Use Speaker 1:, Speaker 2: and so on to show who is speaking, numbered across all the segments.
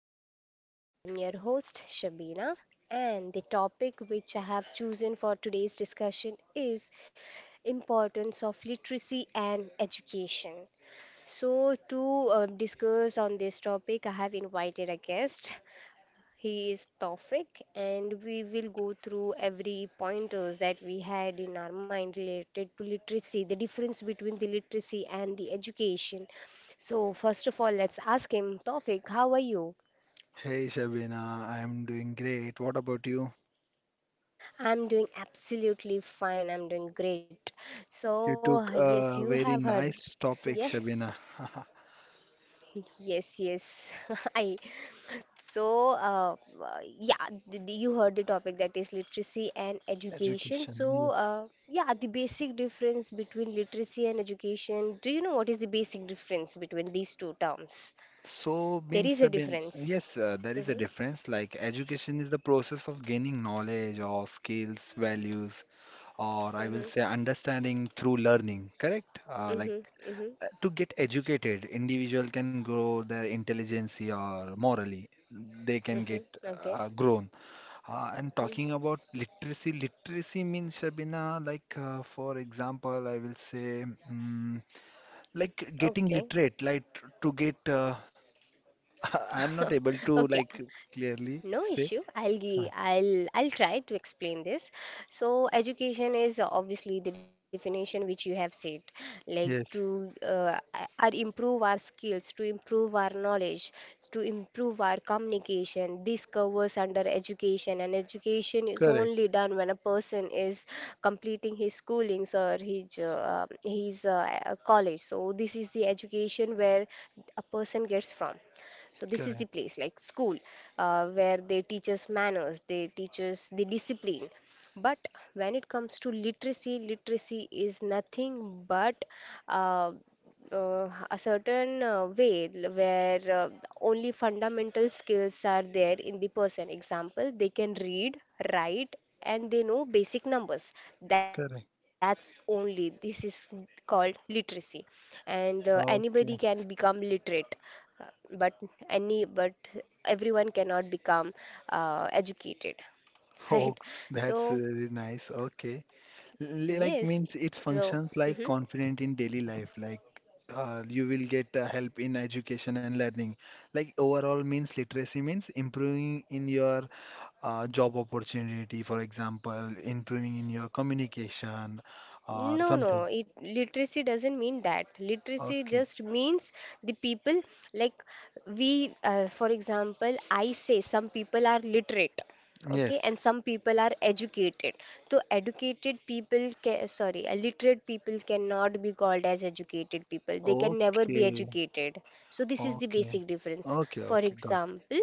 Speaker 1: my podcast. I'm your host, Shabina, and the topic which I have chosen for today's discussion is importance of literacy and education. So, to discuss on this topic, I have invited a guest. He is Tawfiq, and we will go through every pointers that we had in our mind related to literacy, the difference between the literacy and the education. So, first of all, let's ask him, Tawfiq, how are you?
Speaker 2: Hey Shabina, I'm doing great. What about you?
Speaker 1: I'm doing absolutely fine. I'm doing great. So,
Speaker 2: You took
Speaker 1: yes, you
Speaker 2: a
Speaker 1: have
Speaker 2: very
Speaker 1: heard.
Speaker 2: nice topic,
Speaker 1: Yes.
Speaker 2: Shabina.
Speaker 1: Yes, yes. I so yeah, th- th- You heard the topic that is literacy and education.
Speaker 2: Education.
Speaker 1: So
Speaker 2: Yeah.
Speaker 1: yeah, the basic difference between literacy and education. Do you know what is the basic difference between these two terms?
Speaker 2: So
Speaker 1: There
Speaker 2: means
Speaker 1: is a
Speaker 2: Shabina,
Speaker 1: difference.
Speaker 2: yes, there is a
Speaker 1: hmm
Speaker 2: difference. Like education is the process of gaining knowledge or skills, values, or I will
Speaker 1: hmm
Speaker 2: say understanding through learning. Correct?
Speaker 1: hmm hmm
Speaker 2: To get educated, individual can grow their intelligence or morally. They can get
Speaker 1: hmm Okay.
Speaker 2: grown. And
Speaker 1: mhm.
Speaker 2: talking about literacy, literacy means Shabina, like for example, I will say, mm like getting
Speaker 1: Okay.
Speaker 2: literate, like to get. I am not able to
Speaker 1: Okay.
Speaker 2: like clearly
Speaker 1: No
Speaker 2: say.
Speaker 1: issue. I'll
Speaker 2: Huh.
Speaker 1: gi- I'll try to explain this. So education is obviously the definition which you have said, like to
Speaker 2: Yes,
Speaker 1: are improve our skills, to improve our knowledge, to improve our communication. This covers under education, and education is
Speaker 2: correct,
Speaker 1: only done when a person is completing his schooling or his college. So this is the education where a person gets from. So this is
Speaker 2: correct,
Speaker 1: the place like school where they teach us manners, they teach us the discipline. But when it comes to literacy, literacy is nothing but uh, a certain way where only fundamental skills are there in the person. Example, they can read, write, and they know basic numbers. That's
Speaker 2: correct.
Speaker 1: only this is called literacy, and anybody can
Speaker 2: Okay,
Speaker 1: become literate, uh, but but everyone cannot become educated, right?
Speaker 2: hoax.
Speaker 1: So
Speaker 2: That's really nice. Okay, like
Speaker 1: yes,
Speaker 2: means
Speaker 1: so.
Speaker 2: it
Speaker 1: Mhm.
Speaker 2: functions like confident in daily life, like. You will get help in education and learning. Like overall means literacy means improving in your job opportunity, for example, improving in your communication or
Speaker 1: No, no,
Speaker 2: something.
Speaker 1: it literacy doesn't mean that. Literacy
Speaker 2: Okay.
Speaker 1: just means the people like we, for example, I say some people are literate, okay,
Speaker 2: Yes.
Speaker 1: and some people are educated. So educated people, ca sorry, literate people cannot be called as educated people. They can never be
Speaker 2: Okay.
Speaker 1: educated. So this is the
Speaker 2: Okay.
Speaker 1: basic difference.
Speaker 2: Okay.
Speaker 1: For
Speaker 2: Okay. Got.
Speaker 1: example,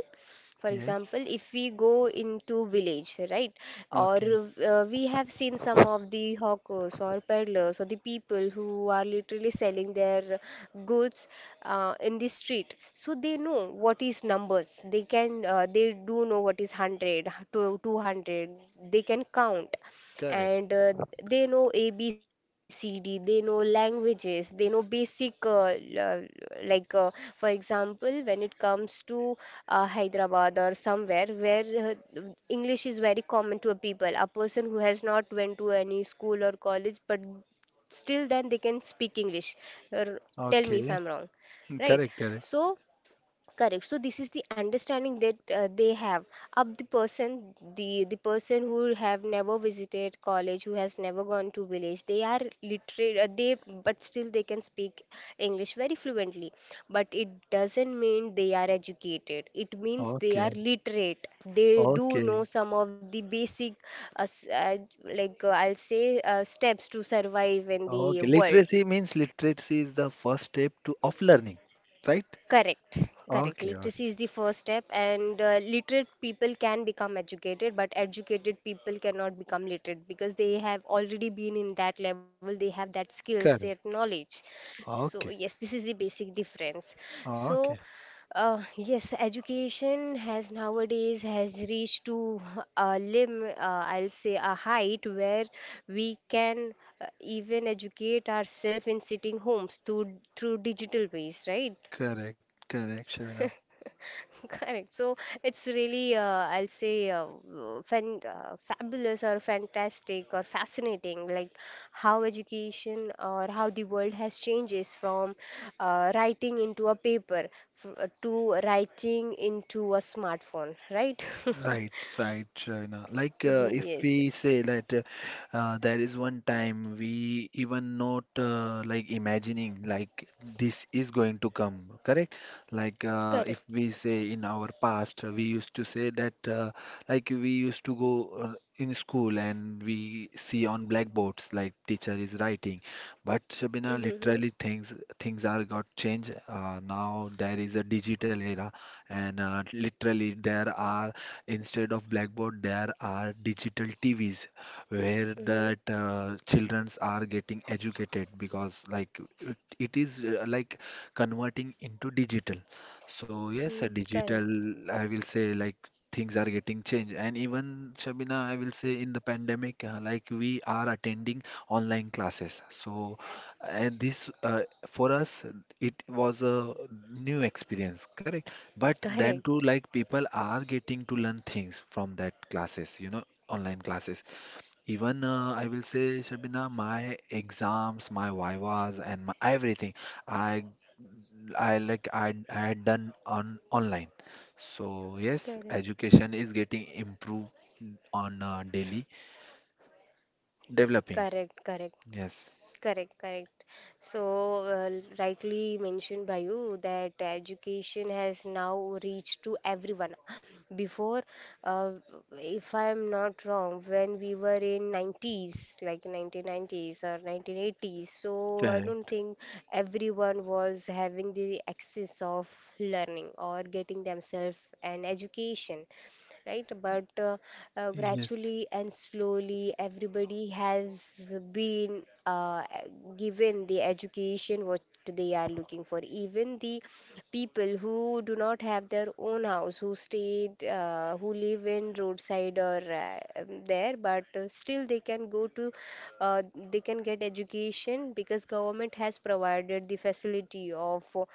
Speaker 1: for
Speaker 2: Yes.
Speaker 1: example, if we go into village, right, or
Speaker 2: Okay.
Speaker 1: we have seen some of the hawkers or peddlers or the people who are literally selling their goods in the street. So they know what is numbers. They do know what is 100, to 200. They can count
Speaker 2: Correct.
Speaker 1: and they know ABCD, they know languages, they know basic, like for example, when it comes to Hyderabad or somewhere where English is very common to a people, a person who has not went to any school or college, but still then they can speak English. Or tell me if
Speaker 2: Okay.
Speaker 1: I'm wrong, right?
Speaker 2: Correct. Correct.
Speaker 1: So Correct. So this is the understanding that they have of the person, the person who have never visited college, who has never gone to village. They are literate. They but still they can speak English very fluently. But it doesn't mean they are educated. It means they are
Speaker 2: Okay.
Speaker 1: literate. They do know
Speaker 2: Okay.
Speaker 1: some of the basic, uh, s- uh, like I'll say, steps to survive in the
Speaker 2: Okay.
Speaker 1: world.
Speaker 2: Literacy means literacy is the first step to of learning, right?
Speaker 1: Correct, correct.
Speaker 2: Okay. Okay.
Speaker 1: Literacy is the first step, and literate people can become educated, but educated people cannot become literate because they have already been in that level, they have that skills, that
Speaker 2: Correct.
Speaker 1: knowledge. So, yes,
Speaker 2: Okay.
Speaker 1: this is the basic difference. So,
Speaker 2: Okay. Correct.
Speaker 1: yes, education has nowadays has reached to I'll say a height where we can even educate ourselves in sitting homes through digital ways, right?
Speaker 2: Correct. Correct. Shavina.
Speaker 1: Correct. So it's really, I'll say, fabulous or fantastic or fascinating, like how education or how the world has changes from writing into a paper to writing into a smartphone, right?
Speaker 2: Right, right, Shaina. Like,
Speaker 1: Ye-
Speaker 2: if
Speaker 1: Yes.
Speaker 2: we say that there is one time we even not like imagining like this is going to come, correct? Like, if
Speaker 1: Correct.
Speaker 2: we say in our past, we used to say that like we used to go in school and we see on blackboards like teacher is writing, but
Speaker 1: Mm-hmm.
Speaker 2: Shabina,
Speaker 1: Mm-hmm.
Speaker 2: literally things are got changed. Now there is a digital era, and literally there are instead of blackboard, there are digital TVs where that
Speaker 1: Mm-hmm.
Speaker 2: childrens are getting educated because like it is like converting into digital. So yes, a
Speaker 1: Mm, correct.
Speaker 2: digital, I will say like things are getting changed. And even Shabina, I will say in the pandemic, like we are attending online classes. So and this for us, it was a new experience, correct? But then too, like
Speaker 1: Correct.
Speaker 2: people are getting to learn things from that classes, you know, online classes. Even I will say, Shabina, my exams, my vivas, and my everything, I, I had done on online. So yes,
Speaker 1: Correct.
Speaker 2: education is getting improved on daily developing.
Speaker 1: Correct, correct.
Speaker 2: Yes,
Speaker 1: Correct, correct. So, rightly mentioned by you that education has now reached to everyone. Before, uh, if I am not wrong, when we were in 90s, like 1990s or 1980s, so I don't
Speaker 2: correct.
Speaker 1: think everyone was having the access of learning or getting themselves an education right? But
Speaker 2: Yes.
Speaker 1: gradually and slowly, everybody has been given the education what they are looking for. Even the people who do not have their own house, who live in roadside or there, but still they can go to, uh, they can get education because government has provided the facility of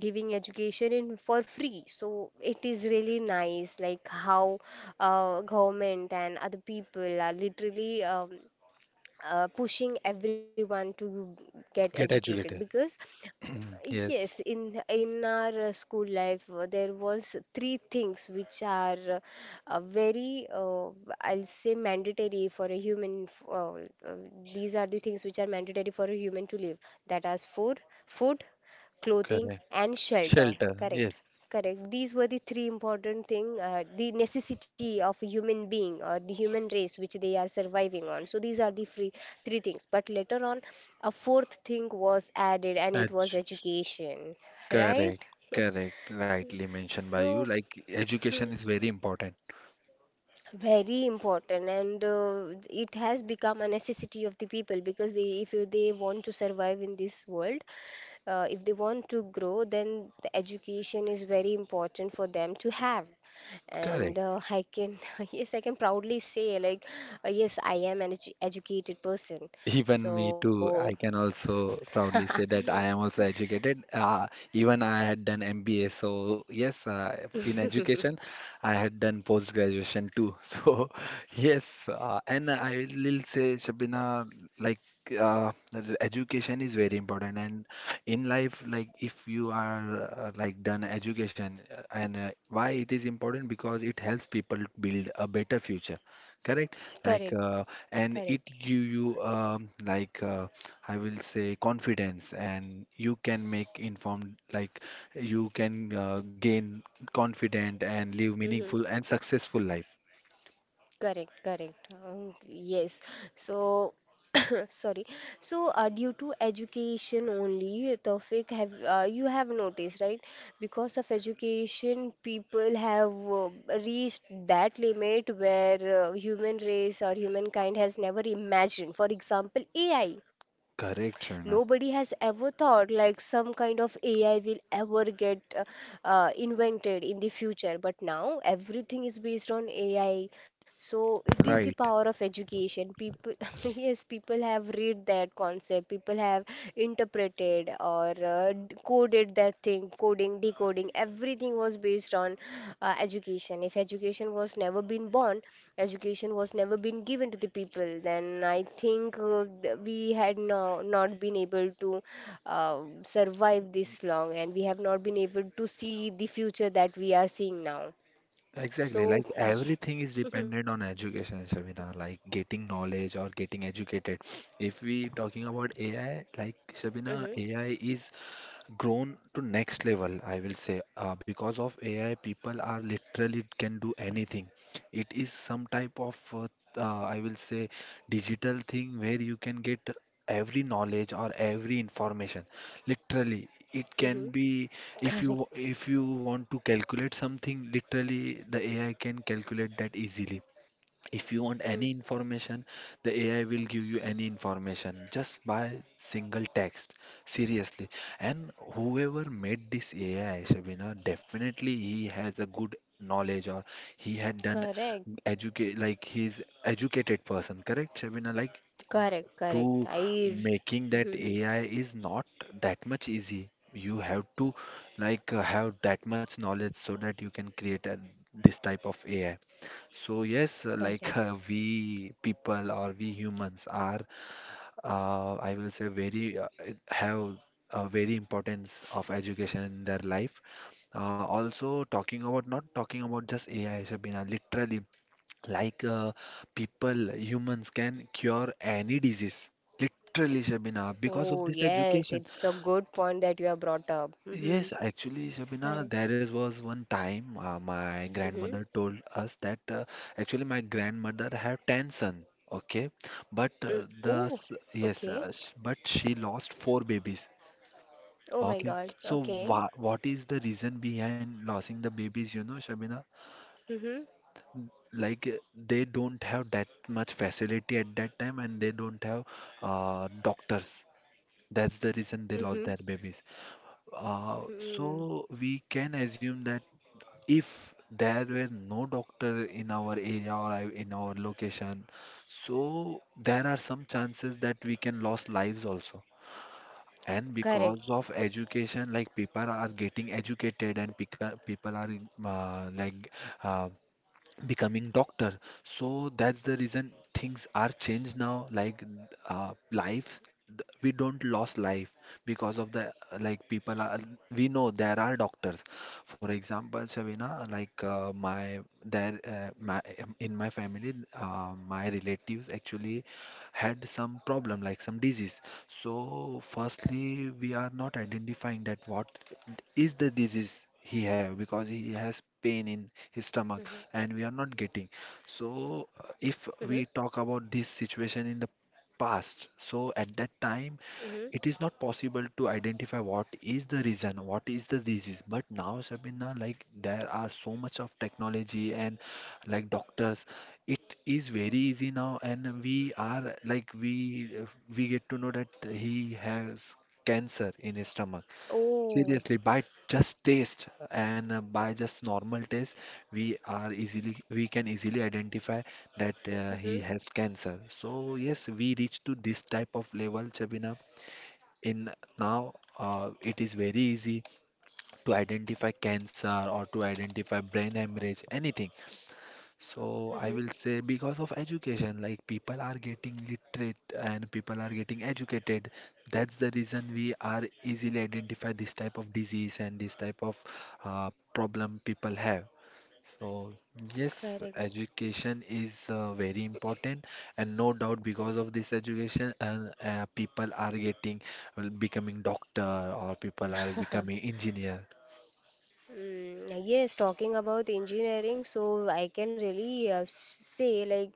Speaker 1: giving education in for free. So it is really nice like how government and other people are literally pushing everyone to get
Speaker 2: Get
Speaker 1: educated
Speaker 2: educated.
Speaker 1: because yes,
Speaker 2: Yes.
Speaker 1: in our school life, there was three things which are very I'll say mandatory for a uh, these are the things which are mandatory for a human to live. That is food, clothing
Speaker 2: Correct.
Speaker 1: and shelter,
Speaker 2: Shelter.
Speaker 1: correct?
Speaker 2: Yes.
Speaker 1: Correct, these were the three important thing, the necessity of a human being or the human race which they are surviving on. So these are the free three things, but later on a fourth thing was added, and it was
Speaker 2: Edge.
Speaker 1: education, right?
Speaker 2: Correct, correct. Rightly mentioned by you.
Speaker 1: So
Speaker 2: Like education is very important.
Speaker 1: very important, and it has become a necessity of the people because they if you, they want to survive in this world, if they want to grow, then the education is very important for them to have. And
Speaker 2: Correct.
Speaker 1: I can yes, I can proudly say like yes, I am an educated person. So
Speaker 2: Even me too. I can also proudly say that I am also educated. Even I had done MBA. So yes, in education, I had done post graduation too. So yes, and I will say, Shabina, like the education is very important. And in life, like if you are like done education, and why it is important because it helps people build a better future. Correct? Like
Speaker 1: correct
Speaker 2: and
Speaker 1: correct.
Speaker 2: it give you I will say confidence and you can make informed like you can gain confident and live
Speaker 1: Hmm.
Speaker 2: meaningful and successful life.
Speaker 1: Correct, correct. Yes. So, sorry. So, due to education only, Tawfiq, have you have noticed, right? Because of education, people have uh, reached that limit where human race or humankind has never imagined. For example, AI,
Speaker 2: Correct,
Speaker 1: nobody
Speaker 2: Shavina.
Speaker 1: has ever thought like some kind of AI will ever get invented in the future. But now everything is based on AI. So it is the
Speaker 2: Right.
Speaker 1: power of education. People, yes, people have read that concept. People have interpreted or coded that thing. Coding, decoding, everything was based on education. If education was never been born, education was never been given to the people, then I think we had no, not been able to survive this long, and we have not been able to see the future that we are seeing now.
Speaker 2: Exactly.
Speaker 1: So
Speaker 2: Like everything is
Speaker 1: yeah.
Speaker 2: dependent on education, Shavina, like getting knowledge or getting educated. If we talking about AI,
Speaker 1: Mm-hmm.
Speaker 2: like Shabina, AI is grown to next level I will say because of ai people are literally can do anything it is some type of I will say digital thing where you can get every knowledge or every information literally it
Speaker 1: Mm-hmm.
Speaker 2: can be
Speaker 1: Correct.
Speaker 2: if you want to calculate something literally the ai can calculate that easily if you want
Speaker 1: Mm.
Speaker 2: any information, the AI will give you any information just by single text. Seriously. And whoever made this AI, Shabina, definitely he has a good knowledge or he had done
Speaker 1: Correct.
Speaker 2: educate like he's educated person, correct, Shabina? Like
Speaker 1: Correct. Correct
Speaker 2: to
Speaker 1: I
Speaker 2: making that
Speaker 1: Mhm.
Speaker 2: AI is not that much easy. You have to like have that much knowledge so that you can create a, this type of AI. So yes,
Speaker 1: Correct.
Speaker 2: like we people or we humans are, I will say very it have a very importance of education in their life. Also talking about not talking about just AI, Shabina, literally like people, humans can cure any disease. Literally, Shabina,
Speaker 1: Oh
Speaker 2: because of this
Speaker 1: yes, it's a
Speaker 2: education.
Speaker 1: good point that you have brought up. Mm-hmm.
Speaker 2: Yes, actually,
Speaker 1: Correct.
Speaker 2: Shabina, there is was one time my
Speaker 1: Mm-hmm.
Speaker 2: grandmother told us that actually my grandmother have 10 son, okay? But
Speaker 1: Mm. Oh.
Speaker 2: the s- yes,
Speaker 1: Okay.
Speaker 2: s- but she lost four babies.
Speaker 1: Oh my
Speaker 2: Okay,
Speaker 1: God.
Speaker 2: so
Speaker 1: Okay.
Speaker 2: what is the reason behind losing the babies? You know, Shabina,
Speaker 1: Mm-hmm.
Speaker 2: Like they don't have that much facility at that time, and they don't have doctors. That's the reason
Speaker 1: Mm-hmm.
Speaker 2: they lost their babies. Uh,
Speaker 1: Mm-hmm.
Speaker 2: so we can assume that. If there were no doctor in our area or in our location so there are some chances that we can lose lives also and
Speaker 1: Correct.
Speaker 2: because of education like people are getting educated and people are uh, like uh, becoming doctor so that's the reason things are changed now like life we don't lost life because of the like people are we know there are doctors for example Shavina like my there my in my family my relatives actually had some problem like some disease so firstly we are not identifying that what is the disease he have because he has
Speaker 1: Mm-hmm.
Speaker 2: pain in his stomach and we are not getting.
Speaker 1: Mm-hmm.
Speaker 2: So, if we talk about this situation in the past, so at that time,
Speaker 1: Mm-hmm.
Speaker 2: it is not possible to identify what is the reason, what is the disease. But now, Sabina, like there are so much of technology and like doctors, it is very easy now, and we are like we get to know that he has cancer in his stomach.
Speaker 1: Oh.
Speaker 2: Seriously, by just taste and by just normal taste, we are easily we can easily identify that he
Speaker 1: Mm-hmm.
Speaker 2: has cancer. So yes, we reach to this type of level, Chabina. In now, it is very easy to identify cancer or to identify brain hemorrhage, anything. So
Speaker 1: Mm-hmm.
Speaker 2: I will say because of education, like people are getting literate and people are getting educated. That's the reason we are easily identify this type of disease and this type of problem people have. So yes,
Speaker 1: Correct.
Speaker 2: education is very important, and no doubt because of this education, and people are getting well, becoming doctor or people are becoming engineer.
Speaker 1: Mm, yes, talking about engineering, so I can really say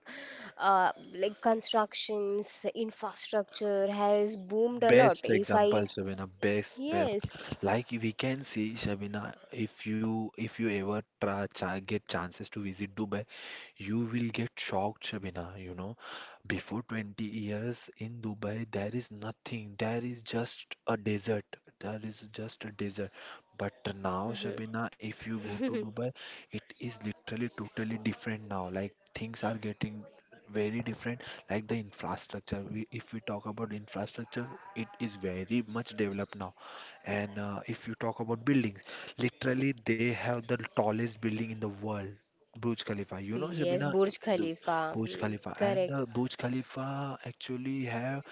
Speaker 1: like constructions, infrastructure has boomed a lot.
Speaker 2: Best
Speaker 1: If
Speaker 2: example,
Speaker 1: I
Speaker 2: Shabina. Best, best.
Speaker 1: yes.
Speaker 2: Like we can see, Shabina, if you ever try, get chances to visit Dubai, you will get shocked, Shabina. You know, before 20 years in Dubai, there is nothing. There is just a desert. There is just a desert. But now, Shabina, if you go to
Speaker 1: Mm-hmm.
Speaker 2: Dubai, it is literally totally different now. Like things are getting very different. Like the infrastructure, we, if we talk about infrastructure, it is very much developed now. And if you talk about buildings, literally they have the tallest building in the world, Burj Khalifa. You know,
Speaker 1: Yes,
Speaker 2: Shabina,
Speaker 1: Burj
Speaker 2: the
Speaker 1: Khalifa.
Speaker 2: Burj
Speaker 1: Hmm.
Speaker 2: Khalifa and
Speaker 1: Correct.
Speaker 2: the Burj Khalifa actually have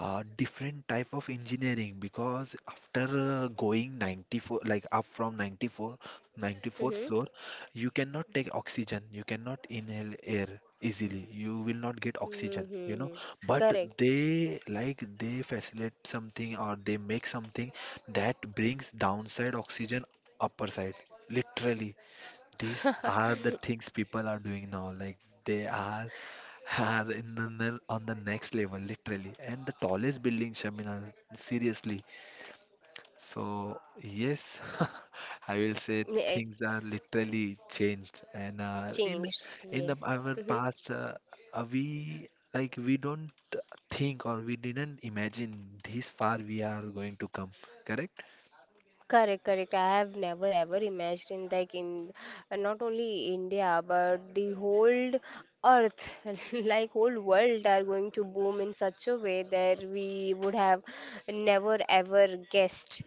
Speaker 2: different type of engineering because after going 94 like up from 94 94th
Speaker 1: Mm-hmm.
Speaker 2: floor you cannot take oxygen you cannot inhale air easily you will not get oxygen
Speaker 1: Mm-hmm.
Speaker 2: you know
Speaker 1: Mm-hmm.
Speaker 2: but
Speaker 1: Correct.
Speaker 2: they like they facilitate something or they make something that brings downside oxygen upper side literally these are the things people are doing now like they are in the, on the next level, literally. And the tallest building, Shamina, seriously. So, yes, I will say
Speaker 1: It
Speaker 2: things are literally changed. And uh, in
Speaker 1: changed,
Speaker 2: in
Speaker 1: yes.
Speaker 2: the, our
Speaker 1: Hmm.
Speaker 2: past, we like we don't think or we didn't imagine this far we are going to come. Correct?
Speaker 1: Correct, correct. I have never ever imagined like in, not only India but the whole earth, like whole world are going to boom in such a way that we would have never ever guessed.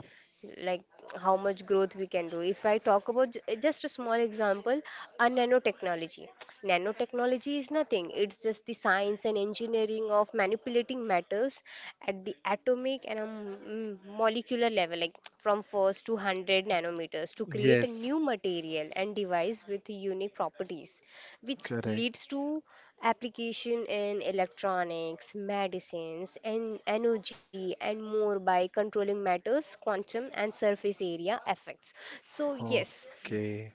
Speaker 1: Like how much growth we can do. If I talk about just a small example, a nanotechnology. Nanotechnology is nothing, it's just the science and engineering of manipulating matters at the atomic and molecular level, like from first to 100 nanometers, to create a
Speaker 2: Yes,
Speaker 1: new material and device with unique properties which
Speaker 2: correct.
Speaker 1: leads to application in electronics, medicines, and energy and more by controlling matters, quantum, and surface area effects. So yes,
Speaker 2: Okay.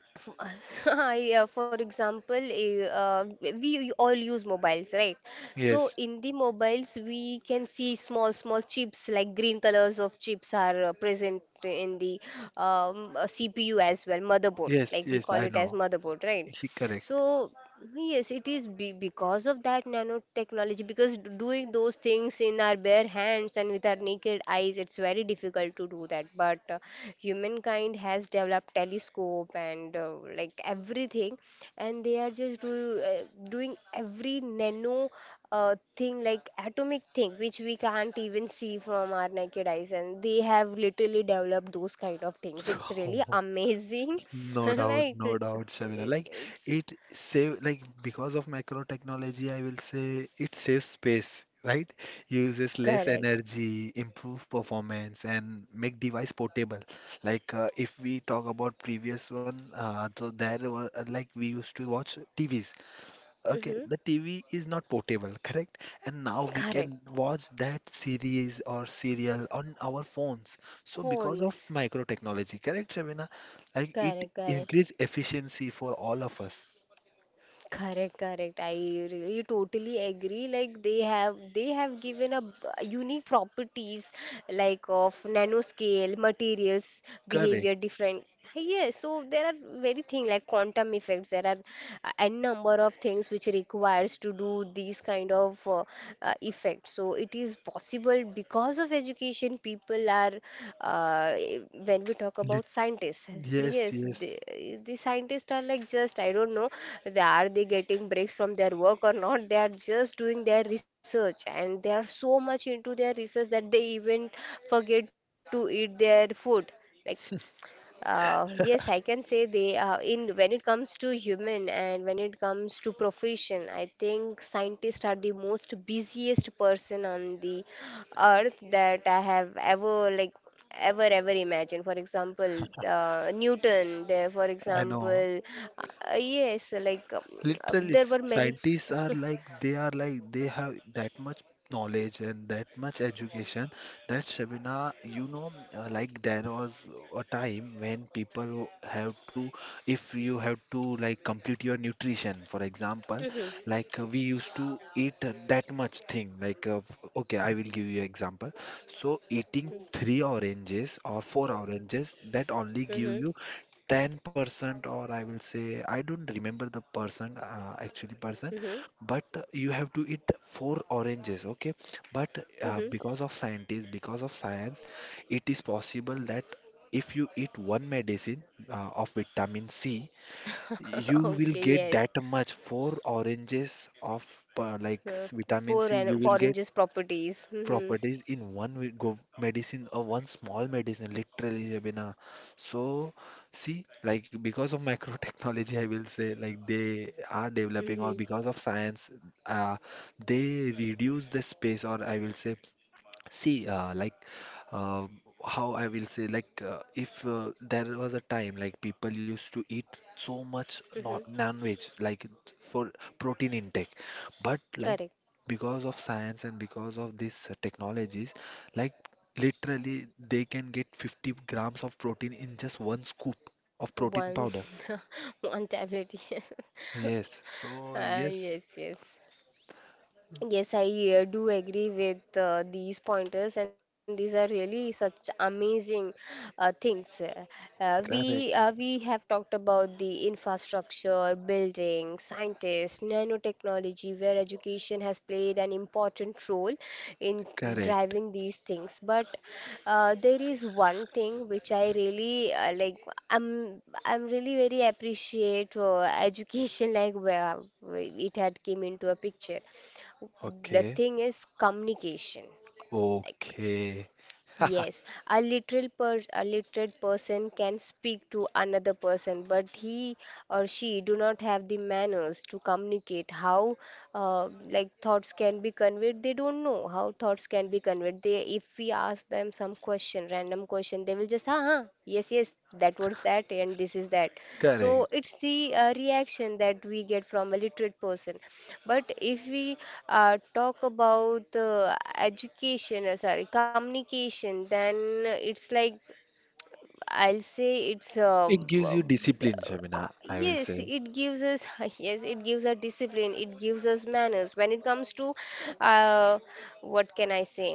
Speaker 1: for example, we all use mobiles, right? So
Speaker 2: Yes,
Speaker 1: in the mobiles, we can see small chips like green colors of chips are present in the CPU as well, motherboard,
Speaker 2: yes,
Speaker 1: like we
Speaker 2: yes. I
Speaker 1: call it as
Speaker 2: know.
Speaker 1: motherboard, right?
Speaker 2: He correct.
Speaker 1: So yes, it is be because of that nanotechnology, because doing those things in our bare hands and with our naked eyes, it's very difficult to do that. But humankind has developed telescope and like everything, and they are just doing every nano thing like atomic thing which we can't even see from our naked eyes, and they have literally developed those kind of things. It's really amazing.
Speaker 2: No doubt,
Speaker 1: Right,
Speaker 2: no
Speaker 1: it,
Speaker 2: doubt, Shavina. Like
Speaker 1: it's
Speaker 2: it save like because of macro technology, I will say it saves space, right? Uses less
Speaker 1: correct.
Speaker 2: energy, improve performance, and make device portable. Like if we talk about previous one, so there were like we used to watch TVs. Okay,
Speaker 1: Mm-hmm.
Speaker 2: the TV is not portable, correct? And now we
Speaker 1: Correct.
Speaker 2: can watch that series or serial on our phones. So because of
Speaker 1: Phones.
Speaker 2: micro technology, correct, Shabina? Like it
Speaker 1: Correct, correct.
Speaker 2: increase efficiency for all of us.
Speaker 1: Correct, correct. I really totally agree. Like they have given a unique properties like of nanoscale, materials,
Speaker 2: Correct.
Speaker 1: behavior different. Yeah, so there are very thing like quantum effects. There are a n number of things which requires to do these kind of effects. So it is possible because of education people are uh, when we talk about
Speaker 2: Lit-
Speaker 1: scientists
Speaker 2: yes,
Speaker 1: yes the,
Speaker 2: yes,
Speaker 1: the scientists are like just I don't know they are they getting breaks from their work or not. They are just doing their research and they are so much into their research that they even forget to eat their food. like yes, I can say they in when it comes to human and when it comes to profession, I think scientists are the most busiest person on the earth that I have ever ever imagined. For example, Newton. For
Speaker 2: I know.
Speaker 1: example, yes, like
Speaker 2: Literally,
Speaker 1: there were many.
Speaker 2: scientists are like they have that much knowledge and that much education that Shabina, you know, like there was a time when people who have to, if you have to like complete your nutrition, for example,
Speaker 1: Mhm.
Speaker 2: like we used to eat that much thing. Like, okay, I will give you example. So eating three oranges or four oranges that only
Speaker 1: Mhm.
Speaker 2: give
Speaker 1: Mhm.
Speaker 2: you 10% or I will say I don't remember the percent, actually percent,
Speaker 1: Mhm.
Speaker 2: but you have to eat four oranges. Okay, but because of scientists, because of science, it is possible that if you eat one medicine of vitamin C, you
Speaker 1: Okay,
Speaker 2: will get
Speaker 1: yes.
Speaker 2: that much four oranges of
Speaker 1: Uh,
Speaker 2: vitamin
Speaker 1: Four
Speaker 2: C.
Speaker 1: and
Speaker 2: You will get
Speaker 1: oranges properties. Mm-hmm.
Speaker 2: properties in one wi- go medicine, or one small medicine, literally, Jabina. So see, like, because of micro technology, I will say, like they are developing, or
Speaker 1: Mm-hmm.
Speaker 2: because of science, uh, they reduce the space, or I will say, see, uh, how I will say, like, if there was a time like people used to eat so much
Speaker 1: Mm-hmm.
Speaker 2: non-veg, like for protein intake, but like
Speaker 1: Correct.
Speaker 2: because of science and because of these technologies, like literally they can get 50 grams of protein in just one scoop of protein
Speaker 1: One,
Speaker 2: powder.
Speaker 1: one tablet.
Speaker 2: Yes, so
Speaker 1: Ah
Speaker 2: yes,
Speaker 1: yes, yes. Yes, I do agree with these pointers, and these are really such amazing things.
Speaker 2: correct,
Speaker 1: We have talked about the infrastructure, building, scientists, nanotechnology, where education has played an important role in
Speaker 2: correct.
Speaker 1: driving these things. But there is one thing which I really like. I'm really very appreciate education like where it had came into a picture. The
Speaker 2: Okay,
Speaker 1: thing is communication. Like,
Speaker 2: okay,
Speaker 1: yes, a literal per a literate person can speak to another person, but he or she do not have the manners to communicate how uh, like thoughts can be conveyed. They don't know how thoughts can be conveyed. They, if we ask them some question random question, they will just ah, ah yes yes that was that and this is that. So
Speaker 2: correct.
Speaker 1: it's the reaction that we get from a literate person. But if we talk about education sorry, communication, then it's like I'll say it's
Speaker 2: It gives you discipline, Shabina, I will
Speaker 1: yes
Speaker 2: say.
Speaker 1: it gives us yes it gives us discipline, it gives us manners when it comes to uh, what can I say,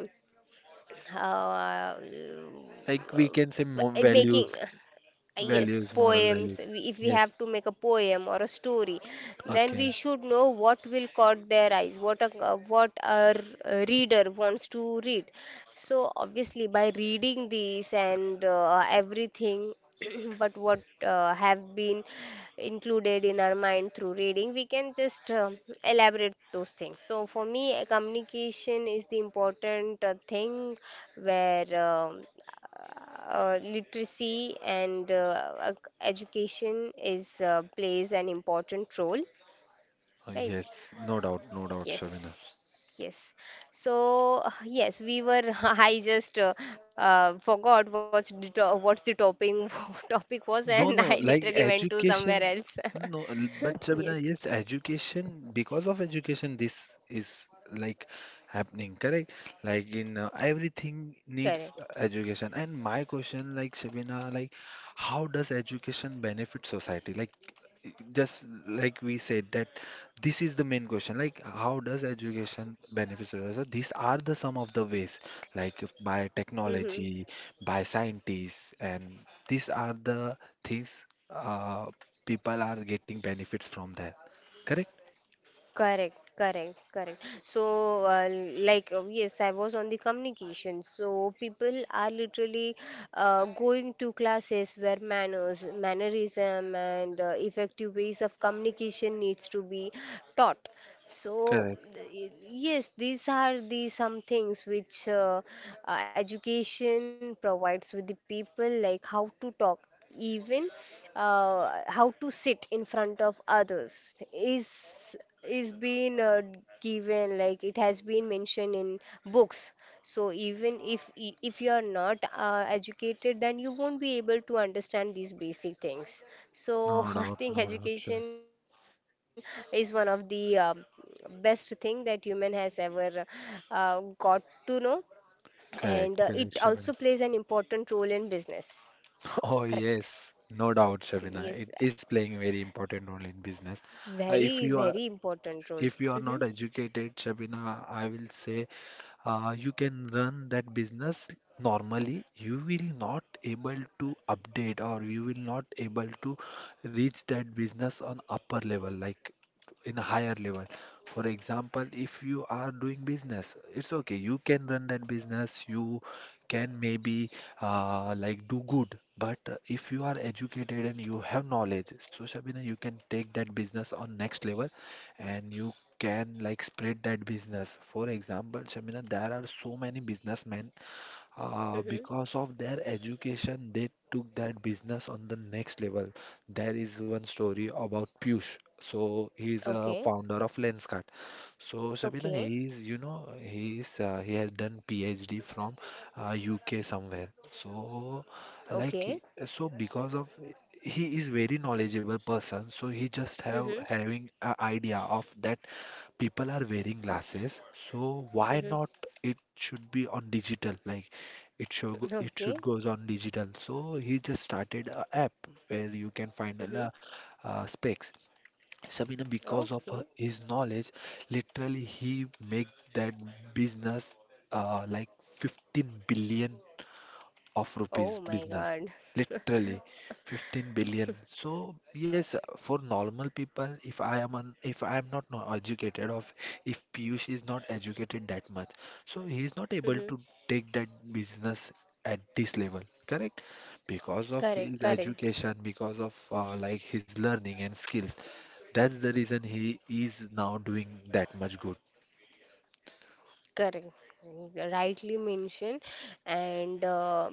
Speaker 1: uh, uh,
Speaker 2: Like we can say mo
Speaker 1: making
Speaker 2: values,
Speaker 1: yes
Speaker 2: values, moral
Speaker 1: poems.
Speaker 2: values.
Speaker 1: If we have
Speaker 2: Yes.
Speaker 1: to make a poem or a story, then
Speaker 2: Okay.
Speaker 1: we should know what will caught their eyes, what our reader wants to read. So obviously by reading these and everything but what have been included in our mind through reading, we can just elaborate those things. So for me, communication is the important thing where literacy and education is plays an important role, right?
Speaker 2: Yes. No doubt. No doubt,
Speaker 1: Yes.
Speaker 2: Shabina.
Speaker 1: Yes. So yes, we were. I just forgot what's the to what's the topping topic was, and I
Speaker 2: No, no,
Speaker 1: literally
Speaker 2: like
Speaker 1: went to somewhere
Speaker 2: education,
Speaker 1: else.
Speaker 2: no, but
Speaker 1: Yes,
Speaker 2: Shabina, yes, education, because of education, this is like happening, correct? Like in
Speaker 1: correct.
Speaker 2: everything needs education. And my question, like, Shabina, like, how does education benefit society? Like, just like we said that this is the main question, like, how does education benefit society? So these are the some of the ways, like, if by
Speaker 1: Hmm.
Speaker 2: technology, by scientists, and these are the things, people are getting benefits from there. Correct?
Speaker 1: Correct, correct, correct. So, uh, yes, I was on the communication. So, people are literally going to classes where manners, mannerism, and effective ways of communication needs to be taught. So,
Speaker 2: Correct.
Speaker 1: th- yes, these are the some things which education provides with the people, like how to talk, even how to sit in front of others is being given, like it has been mentioned in books. So even if you are not educated, then you won't be able to understand these basic things. So
Speaker 2: No
Speaker 1: I
Speaker 2: doubt. No
Speaker 1: think
Speaker 2: doubt, Shivan.
Speaker 1: education is one of the best thing that human has ever got to know, and it
Speaker 2: Correct.
Speaker 1: also
Speaker 2: Correct,
Speaker 1: plays an
Speaker 2: Shivan.
Speaker 1: important role in business.
Speaker 2: Oh,
Speaker 1: Correct.
Speaker 2: yes, no doubt,
Speaker 1: Yes,
Speaker 2: Shavina. It is playing a very important role in business. If
Speaker 1: very
Speaker 2: you are,
Speaker 1: very important role.
Speaker 2: if you are not educated, Shavina, I will say, you can run that business normally. You will not able to update, or you will not able to reach that business on upper level. Like, in a higher level. For example, if you are doing business, it's okay. You can run that business. You can maybe like do good. But if you are educated and you have knowledge, so Shabina, you can take that business on next level, and you can like spread that business. For example, Shabina, there are so many businessmen,
Speaker 1: Mm-hmm.
Speaker 2: because of their education, they took that business on the next level. There is one story about Piyush. So he's a
Speaker 1: Okay.
Speaker 2: founder of Lenskart. So Shabina,
Speaker 1: Okay.
Speaker 2: he is, you know, he is, he has done PhD from UK somewhere. So
Speaker 1: Okay.
Speaker 2: like, so because of, he is very knowledgeable person. So he just have
Speaker 1: Mm-hmm.
Speaker 2: having a idea of that people are wearing glasses, so why
Speaker 1: Mm-hmm.
Speaker 2: not it should be on digital? Like, it
Speaker 1: Okay.
Speaker 2: should goes on digital. So he just started a app where you can find a
Speaker 1: Mm-hmm.
Speaker 2: specs. Sabina, because of
Speaker 1: Okay.
Speaker 2: his knowledge, literally he make that business like 15 billion of
Speaker 1: Oh
Speaker 2: rupees
Speaker 1: my
Speaker 2: business,
Speaker 1: god.
Speaker 2: literally 15 billion. So yes, for normal people, if I am not educated of, if Piyush is not educated that much, so he is not able to
Speaker 1: Mm-hmm.
Speaker 2: take that business at this level, correct? Because of
Speaker 1: Correct,
Speaker 2: his
Speaker 1: correct.
Speaker 2: education, because of like his learning and skills, that's the reason he is now doing that much good,
Speaker 1: Correct. Rightly mentioned. And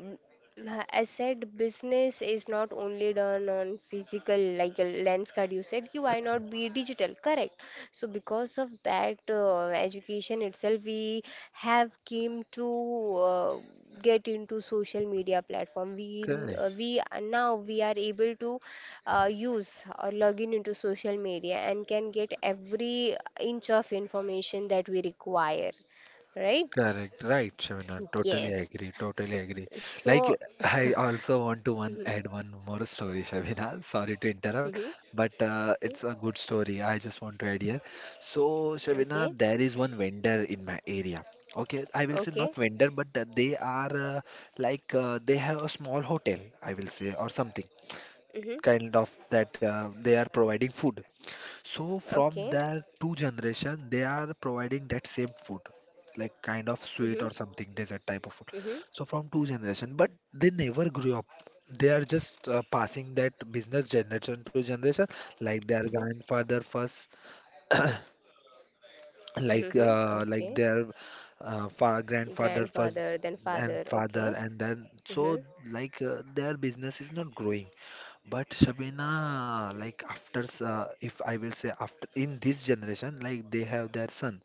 Speaker 1: as said, business is not only done on physical, like a lens card. You said, "Ki why not be digital? Correct. So because of that, education itself, we have came to get into social media platform.
Speaker 2: correct.
Speaker 1: Now we are able to use or log in into social media and can get every inch of information that we require, right?
Speaker 2: Correct, right, Shavina. Totally
Speaker 1: Yes.
Speaker 2: agree. Totally agree.
Speaker 1: So,
Speaker 2: Like, I also want to
Speaker 1: mhm,
Speaker 2: one add one more story, Shavina. Sorry to interrupt,
Speaker 1: mhm,
Speaker 2: but
Speaker 1: mhm.
Speaker 2: it's a good story. I just want to add here. So,
Speaker 1: Okay,
Speaker 2: Shavina, there is one vendor in my area. Okay, I will say
Speaker 1: okay,
Speaker 2: not vendor, but that they are they have a small hotel, I will say, or something
Speaker 1: mhm,
Speaker 2: kind of that, they are providing food. So from
Speaker 1: okay,
Speaker 2: their two generation, they are providing that same food, like kind of sweet
Speaker 1: mhm,
Speaker 2: or something, dessert type of food.
Speaker 1: mhm,
Speaker 2: So from two generation, but they never grew up. They are just passing that business generation to generation, like their
Speaker 1: mhm,
Speaker 2: grandfather first, like
Speaker 1: mhm, okay.
Speaker 2: their fa grandfather first
Speaker 1: Grandfather, then
Speaker 2: and
Speaker 1: father,
Speaker 2: father,
Speaker 1: okay.
Speaker 2: and then so
Speaker 1: Mhm,
Speaker 2: like their business is not growing. But Shabina, like after, if I will say, after in this generation, like, they have their son.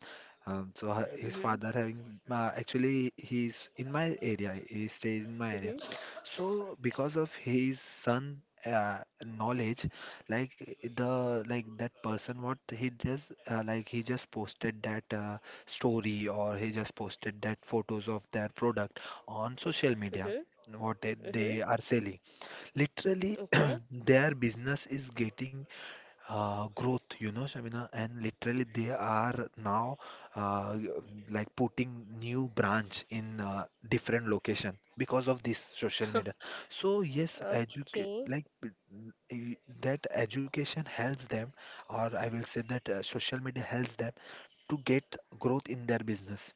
Speaker 2: So his
Speaker 1: mhm,
Speaker 2: father having, actually he's in my area. He stays in my area.
Speaker 1: mhm,
Speaker 2: So because of his son knowledge, like the like that person, what he just he just posted that story, or he just posted that photos of their product on social media.
Speaker 1: mhm,
Speaker 2: What
Speaker 1: mhm,
Speaker 2: they are selling. Literally,
Speaker 1: okay,
Speaker 2: their business is getting growth, you know, Shamina, and literally they are now uh, like putting new branch in different location because of this social media. So yes, educate
Speaker 1: okay.
Speaker 2: like b- e- that education helps them, or I will say that social media helps them to get growth in their business.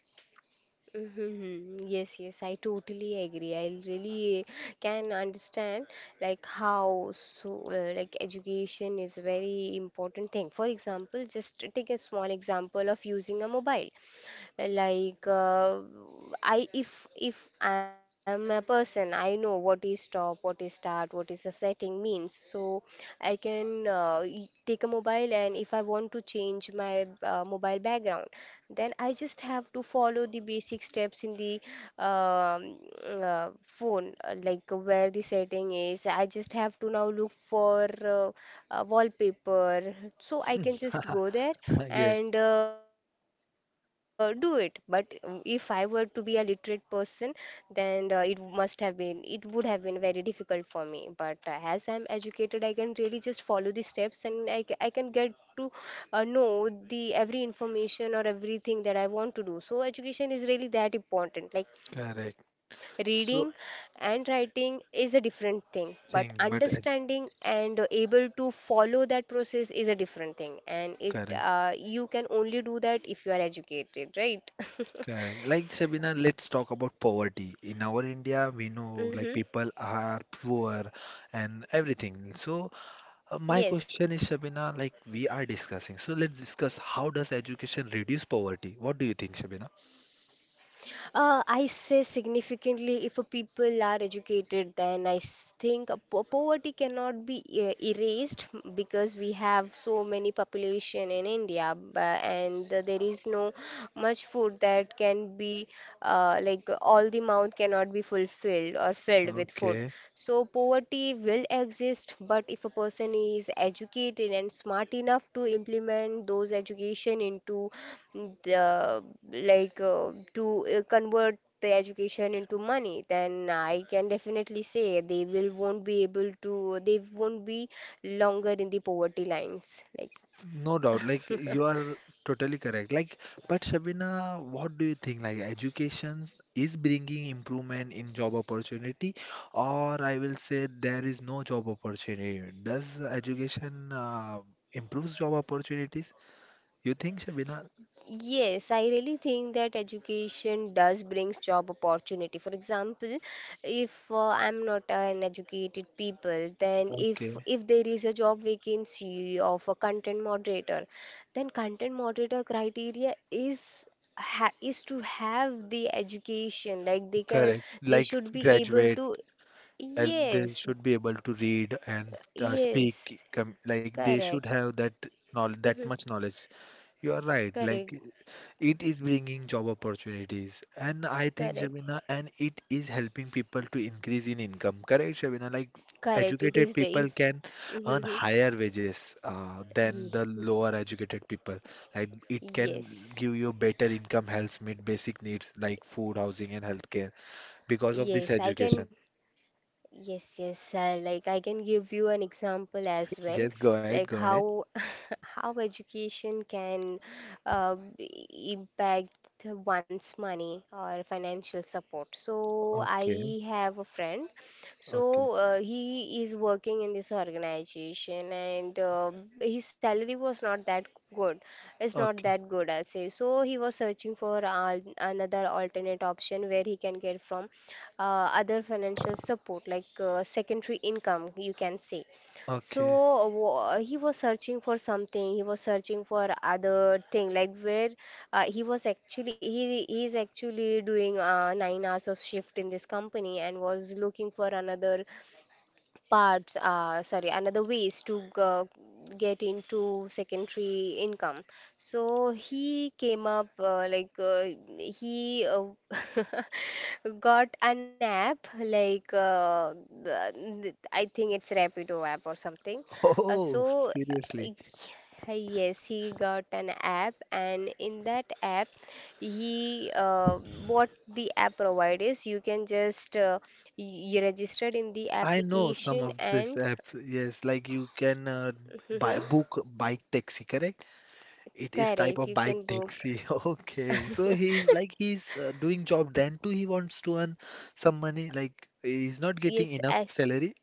Speaker 1: Mm-hmm. Yes, yes, I totally agree. I really can understand like how so like education is very important thing. For example, just take a small example of using a mobile. Like I if I am a person, I know what is stop, what is start, what is a setting means. So I can take a mobile, and if I want to change my mobile background, then I just have to follow the basic steps in the um, phone, like where the setting is. I just have to now look for wallpaper, so I can just go there
Speaker 2: Yes,
Speaker 1: and do it. But if I were to be a literate person, then it would have been very difficult for me. But as I'm educated, I can really just follow the steps and I can get to know the every information or everything that I want to do. So education is really that important. Like
Speaker 2: correct.
Speaker 1: reading and
Speaker 2: So
Speaker 1: writing is a different thing, but
Speaker 2: thing, but
Speaker 1: understanding and able to follow that process is a different thing. And it
Speaker 2: correct.
Speaker 1: you can only do that if you are educated, right?
Speaker 2: Correct. Like Sabina, let's talk about poverty. In our India, we
Speaker 1: Hmm.
Speaker 2: know like people are poor and everything. So my
Speaker 1: Yes.
Speaker 2: question is, Sabina, like we are discussing. So let's discuss, how does education reduce poverty? What do you think, Sabina?
Speaker 1: I say significantly if a people are educated, then think a poverty cannot be erased because we have so many population in India, and there is no much food that can be like all the mouth cannot be fulfilled or filled with food.
Speaker 2: Okay.
Speaker 1: So poverty will exist, but if a person is educated and smart enough to implement those education into the like to convert the education into money, then I can definitely say they will won't be able to they won't be longer in the poverty lines. Like
Speaker 2: No doubt, like you are totally correct. Like, but Shabina, what do you think? Like, education is bringing improvement in job opportunity, or I will say there is no job opportunity. Does education improves job opportunities? You think, Shabina?
Speaker 1: yes, I really think that education does brings job opportunity. For example, if I'm not an educated people, then
Speaker 2: Okay,
Speaker 1: if there is a job vacancy of a content moderator, then content moderator criteria is ha is to have the education. Like they can,
Speaker 2: correct.
Speaker 1: they
Speaker 2: Like
Speaker 1: should be able
Speaker 2: graduate,
Speaker 1: to.
Speaker 2: and they
Speaker 1: Yes,
Speaker 2: should be able to read and
Speaker 1: yes,
Speaker 2: speak. Com Like they should
Speaker 1: correct.
Speaker 2: have that knowledge, that
Speaker 1: Mhm.
Speaker 2: much knowledge. You are right. Like,
Speaker 1: Correct,
Speaker 2: it is bringing job opportunities, and I think,
Speaker 1: correct,
Speaker 2: Shabina, and it is helping people to increase in income. Correct, Shabina? Like
Speaker 1: correct. It
Speaker 2: educated
Speaker 1: is the
Speaker 2: people
Speaker 1: if.
Speaker 2: can earn
Speaker 1: Mm-hmm. Hmm.
Speaker 2: higher wages than
Speaker 1: Ye-
Speaker 2: the lower educated people. Like it can
Speaker 1: Yes,
Speaker 2: give you better income, helps meet basic needs like food, housing, and healthcare because of this
Speaker 1: yes, I can.
Speaker 2: education.
Speaker 1: Yes, yes, like I can give you an example as well,
Speaker 2: Yes, go ahead, go
Speaker 1: like
Speaker 2: ahead.
Speaker 1: how how education can impact one's money or financial support. So I
Speaker 2: Okay,
Speaker 1: have a friend. So
Speaker 2: okay,
Speaker 1: he is working in this organization, and his salary was not that good. It's not
Speaker 2: okay,
Speaker 1: that good, I'll say. So he was searching for al another alternate option where he can get from other financial support, like secondary income, you can say.
Speaker 2: okay.
Speaker 1: So he was searching for something. He was searching for other thing like where he is actually doing 9 hours of shift in this company, and was looking for another parts sorry another ways to get into secondary income. So he came up like he got an app, like I think it's rapido app or something. uh,
Speaker 2: Oh,
Speaker 1: so
Speaker 2: seriously.
Speaker 1: yes, he got an app, and in that app he what the app provides is you can just you registered in the
Speaker 2: I know some
Speaker 1: application,
Speaker 2: of this
Speaker 1: and
Speaker 2: apps. Yes, like you can buy book bike taxi, correct? It is type
Speaker 1: correct,
Speaker 2: of
Speaker 1: you
Speaker 2: bike
Speaker 1: can book.
Speaker 2: taxi. Okay, so he's doing job. Then too, he wants to earn some money. Like he's not getting
Speaker 1: Yes,
Speaker 2: enough
Speaker 1: as
Speaker 2: salary.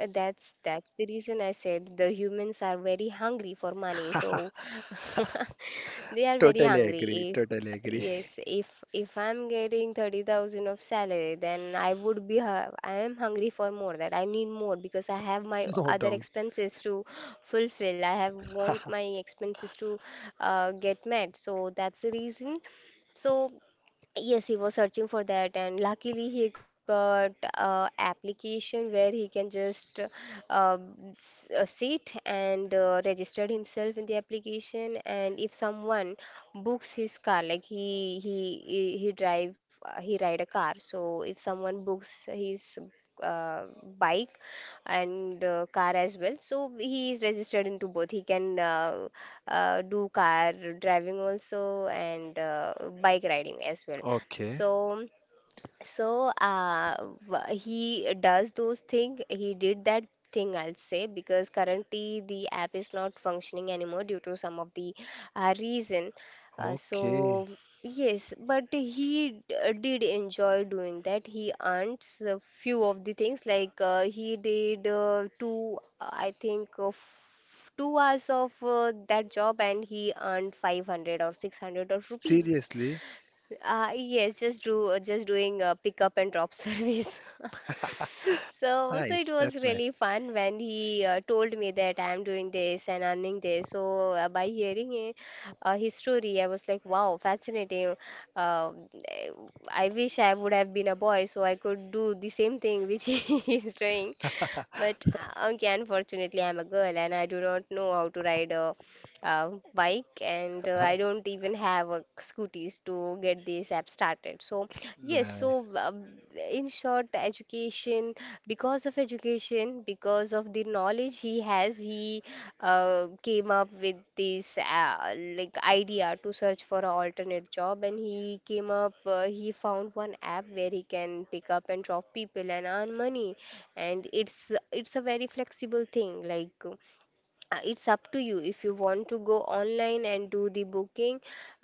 Speaker 1: that's the reason I said the humans are very hungry for money, so they are very
Speaker 2: Totally
Speaker 1: hungry.
Speaker 2: agree.
Speaker 1: If
Speaker 2: Totally agree.
Speaker 1: Yes, if I'm getting 30,000 of salary, then I would be hu- I am hungry for more, that I need more because I have my
Speaker 2: No
Speaker 1: other
Speaker 2: doubt.
Speaker 1: expenses to fulfill. I have want my expenses to get met. So that's the reason. So yes, he was searching for that, and luckily he got a application where he can just uh, sit and registered himself in the application. And if someone books his car, like he drive he ride a car, so if someone books his uh, bike and car as well, so he is registered into both. He can. Do car driving also and bike riding as well.
Speaker 2: Okay.
Speaker 1: So so uh, he does those thing. He did that thing, I'll say, because currently the app is not functioning anymore due to some of the reason. So
Speaker 2: Okay.
Speaker 1: yes, but did enjoy doing that. He earns a few of the things, like he did two, I think, f- 2 hours of that job, and he earned 500 or 600 of rupees.
Speaker 2: Seriously.
Speaker 1: Yes, just do just doing pick up and drop service. So, so it
Speaker 2: Nice. That's
Speaker 1: was really
Speaker 2: nice.
Speaker 1: fun when he told me that I am doing this and earning this. So, by hearing it, his story, I was like, wow, fascinating. Uh, eh, I wish I would have been a boy so I could do the same thing which he is doing. But okay, unfortunately, I'm a girl and I do not know how to ride a, bike, and I don't even have a scooties to get this app started. So yes,
Speaker 2: Like,
Speaker 1: in short, the education because of education, because of the knowledge he has, he came up with this idea to search for an alternate job, and he came up he found one app where he can pick up and drop people and earn money. And it's a very flexible thing. It's up to you. If you want to go online and do the booking,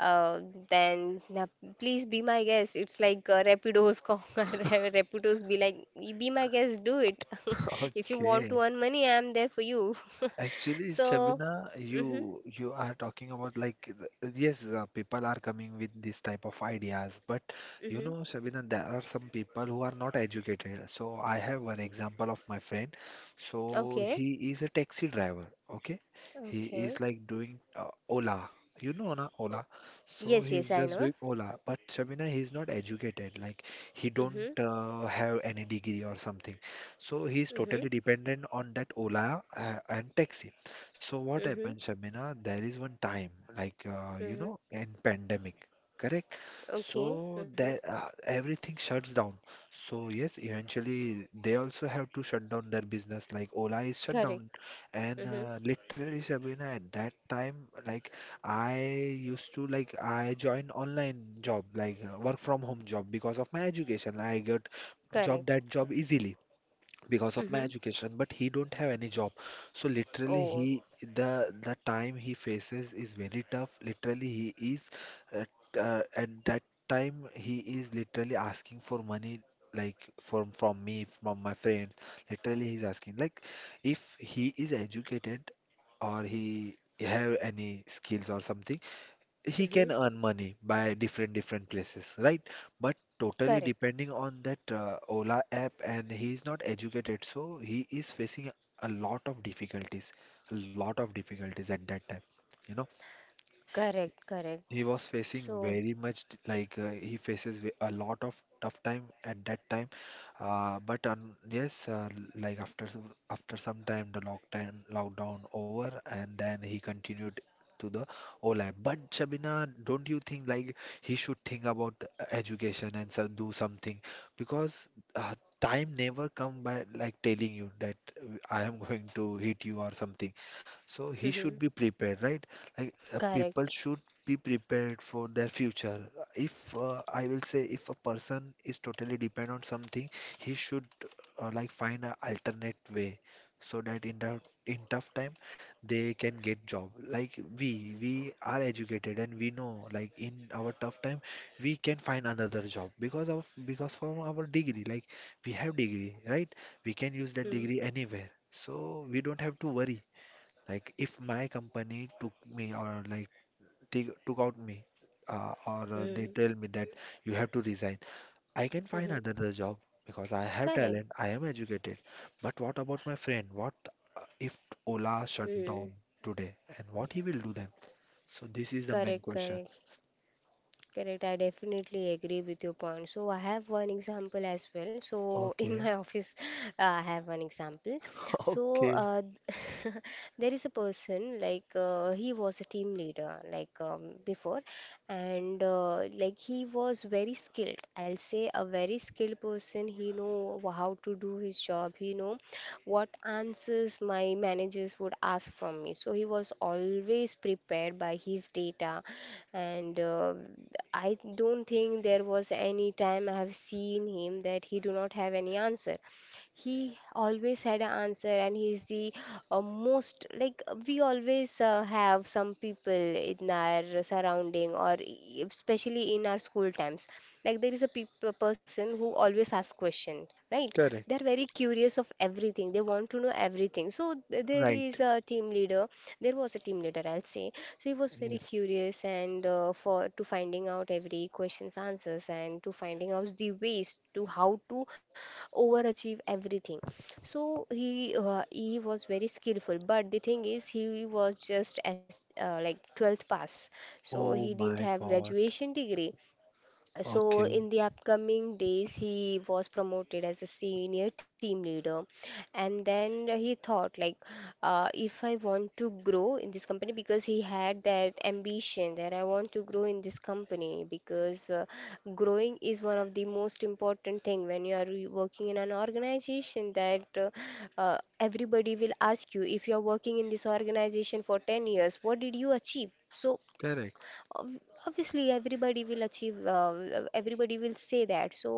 Speaker 1: uh, then please be my guest. It's like Rapido's call. Rapido's be like, Be my guest, do it. If you want
Speaker 2: okay.
Speaker 1: to earn money, I'm there for you.
Speaker 2: Actually,
Speaker 1: So,
Speaker 2: Shabina,
Speaker 1: mm-hmm,
Speaker 2: you are talking about like yes, people are coming with this type of ideas, but you
Speaker 1: mm-hmm.
Speaker 2: know, Shabina, there are some people who are not educated. So I have one example of my friend. So
Speaker 1: Okay,
Speaker 2: he is a taxi driver. Okay, he is
Speaker 1: okay.
Speaker 2: like doing Ola. You know, na
Speaker 1: O-
Speaker 2: Ola. So
Speaker 1: Yes, yes,
Speaker 2: he's
Speaker 1: I
Speaker 2: just
Speaker 1: know.
Speaker 2: doing Ola. But Shabina, he's not educated. Like he don't
Speaker 1: Mm-hmm,
Speaker 2: have any degree or something. So he's
Speaker 1: mm-hmm,
Speaker 2: totally dependent on that Ola and taxi. So what happened,
Speaker 1: mm-hmm,
Speaker 2: Shamina? There is one time, like, you
Speaker 1: mm-hmm.
Speaker 2: know, in pandemic, correct?
Speaker 1: Okay,
Speaker 2: So
Speaker 1: mm-hmm.
Speaker 2: that everything shuts down. So yes, eventually they also have to shut down their business. Like Ola is shut
Speaker 1: Correct.
Speaker 2: down, and
Speaker 1: Mm-hmm.
Speaker 2: literally, Shabina, at that time, like, I used to like I joined online job, like work from home job because of my education. I got
Speaker 1: Correct.
Speaker 2: job, that job easily because of
Speaker 1: Mm-hmm.
Speaker 2: my education, but he don't have any job. So literally,
Speaker 1: Oh.
Speaker 2: he, the time he faces is very tough. Literally, he is at at that time, he is literally asking for money, like from me, from my friends, literally he's asking, like, if he is educated or he have any skills or something, he
Speaker 1: Mm-hmm.
Speaker 2: can earn money by different different places, right? But totally
Speaker 1: Correct.
Speaker 2: depending on that Ola app, and he is not educated, so he is facing a lot of difficulties, a lot of difficulties at that time. You know,
Speaker 1: Correct, correct.
Speaker 2: he was facing
Speaker 1: So,
Speaker 2: very much he faces a lot of tough time at that time. But yes, like after after some time, the lockdown over, and then he continued to the OLAB. But Shabina, don't you think like he should think about the education and so do something, because uh, time never come by like telling you that I am going to hit you or something. So he
Speaker 1: mhm,
Speaker 2: should be prepared, right? Like
Speaker 1: correct.
Speaker 2: people should be prepared for their future. If I will say, if a person is totally depend on something, he should like find an alternate way so that in tough, in tough time they can get job. Like we are educated and we know like in our tough time we can find another job because from our degree, like we have degree, right? We can use that
Speaker 1: Mm,
Speaker 2: degree anywhere, so we don't have to worry. Like if my company took me, or like they took out me, or they
Speaker 1: mm,
Speaker 2: tell me that you have to resign, I can find
Speaker 1: mhm,
Speaker 2: another job because I have
Speaker 1: correct.
Speaker 2: talent, I am educated. But what about my friend? What if Ola shut down
Speaker 1: Mm,
Speaker 2: today, and what he will do then? So this is the main
Speaker 1: correct,
Speaker 2: question.
Speaker 1: correct. Correct. I definitely agree with your point. So, I have one example as well. So, in
Speaker 2: Okay.
Speaker 1: my office, I have one example. So,
Speaker 2: Okay.
Speaker 1: there is a person like, he was a team leader, like, before, and he was very skilled. I'll say a very skilled person. He know how to do his job, he know what answers my managers would ask from me, so he was always prepared by his data. And I don't think there was any time I have seen him that he do not have any answer. He always had an answer, and he's the most like, we always have some people in our surrounding, or especially in our school times, like there is a a person who always asks question, right?
Speaker 2: Correct.
Speaker 1: They're very curious of everything, they want to know everything. So
Speaker 2: Right.
Speaker 1: there was a team leader, I'll say. So he was very
Speaker 2: Yes.
Speaker 1: curious, and for to finding out every question's answers and to finding out the ways to how to overachieve everything. So he was very skillful, but the thing is he was just as 12th pass. So he
Speaker 2: Oh
Speaker 1: didn't
Speaker 2: my
Speaker 1: have
Speaker 2: god.
Speaker 1: graduation degree. So
Speaker 2: Okay.
Speaker 1: in the upcoming days, he was promoted as a senior team leader. And then he thought, like, if I want to grow in this company, because he had that ambition that I want to grow in this company, because growing is one of the most important thing when you are working in an organization, that everybody will ask you, if you are working in this organization for 10 years, what did you achieve? So
Speaker 2: Correct.
Speaker 1: ob- obviously everybody will achieve, everybody will say that. So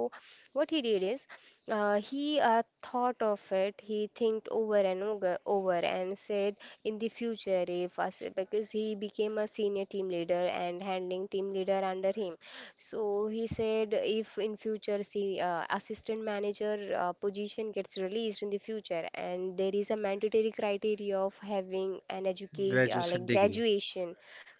Speaker 1: what he did is, he thought of it, he thinked over and over, over, and said, in the future, if us, because he became a senior team leader and handling team leader under him. So he said, if in future, see, assistant manager position gets released in the future, and there is a mandatory criteria of having an education,
Speaker 2: Graduation degree.
Speaker 1: graduation.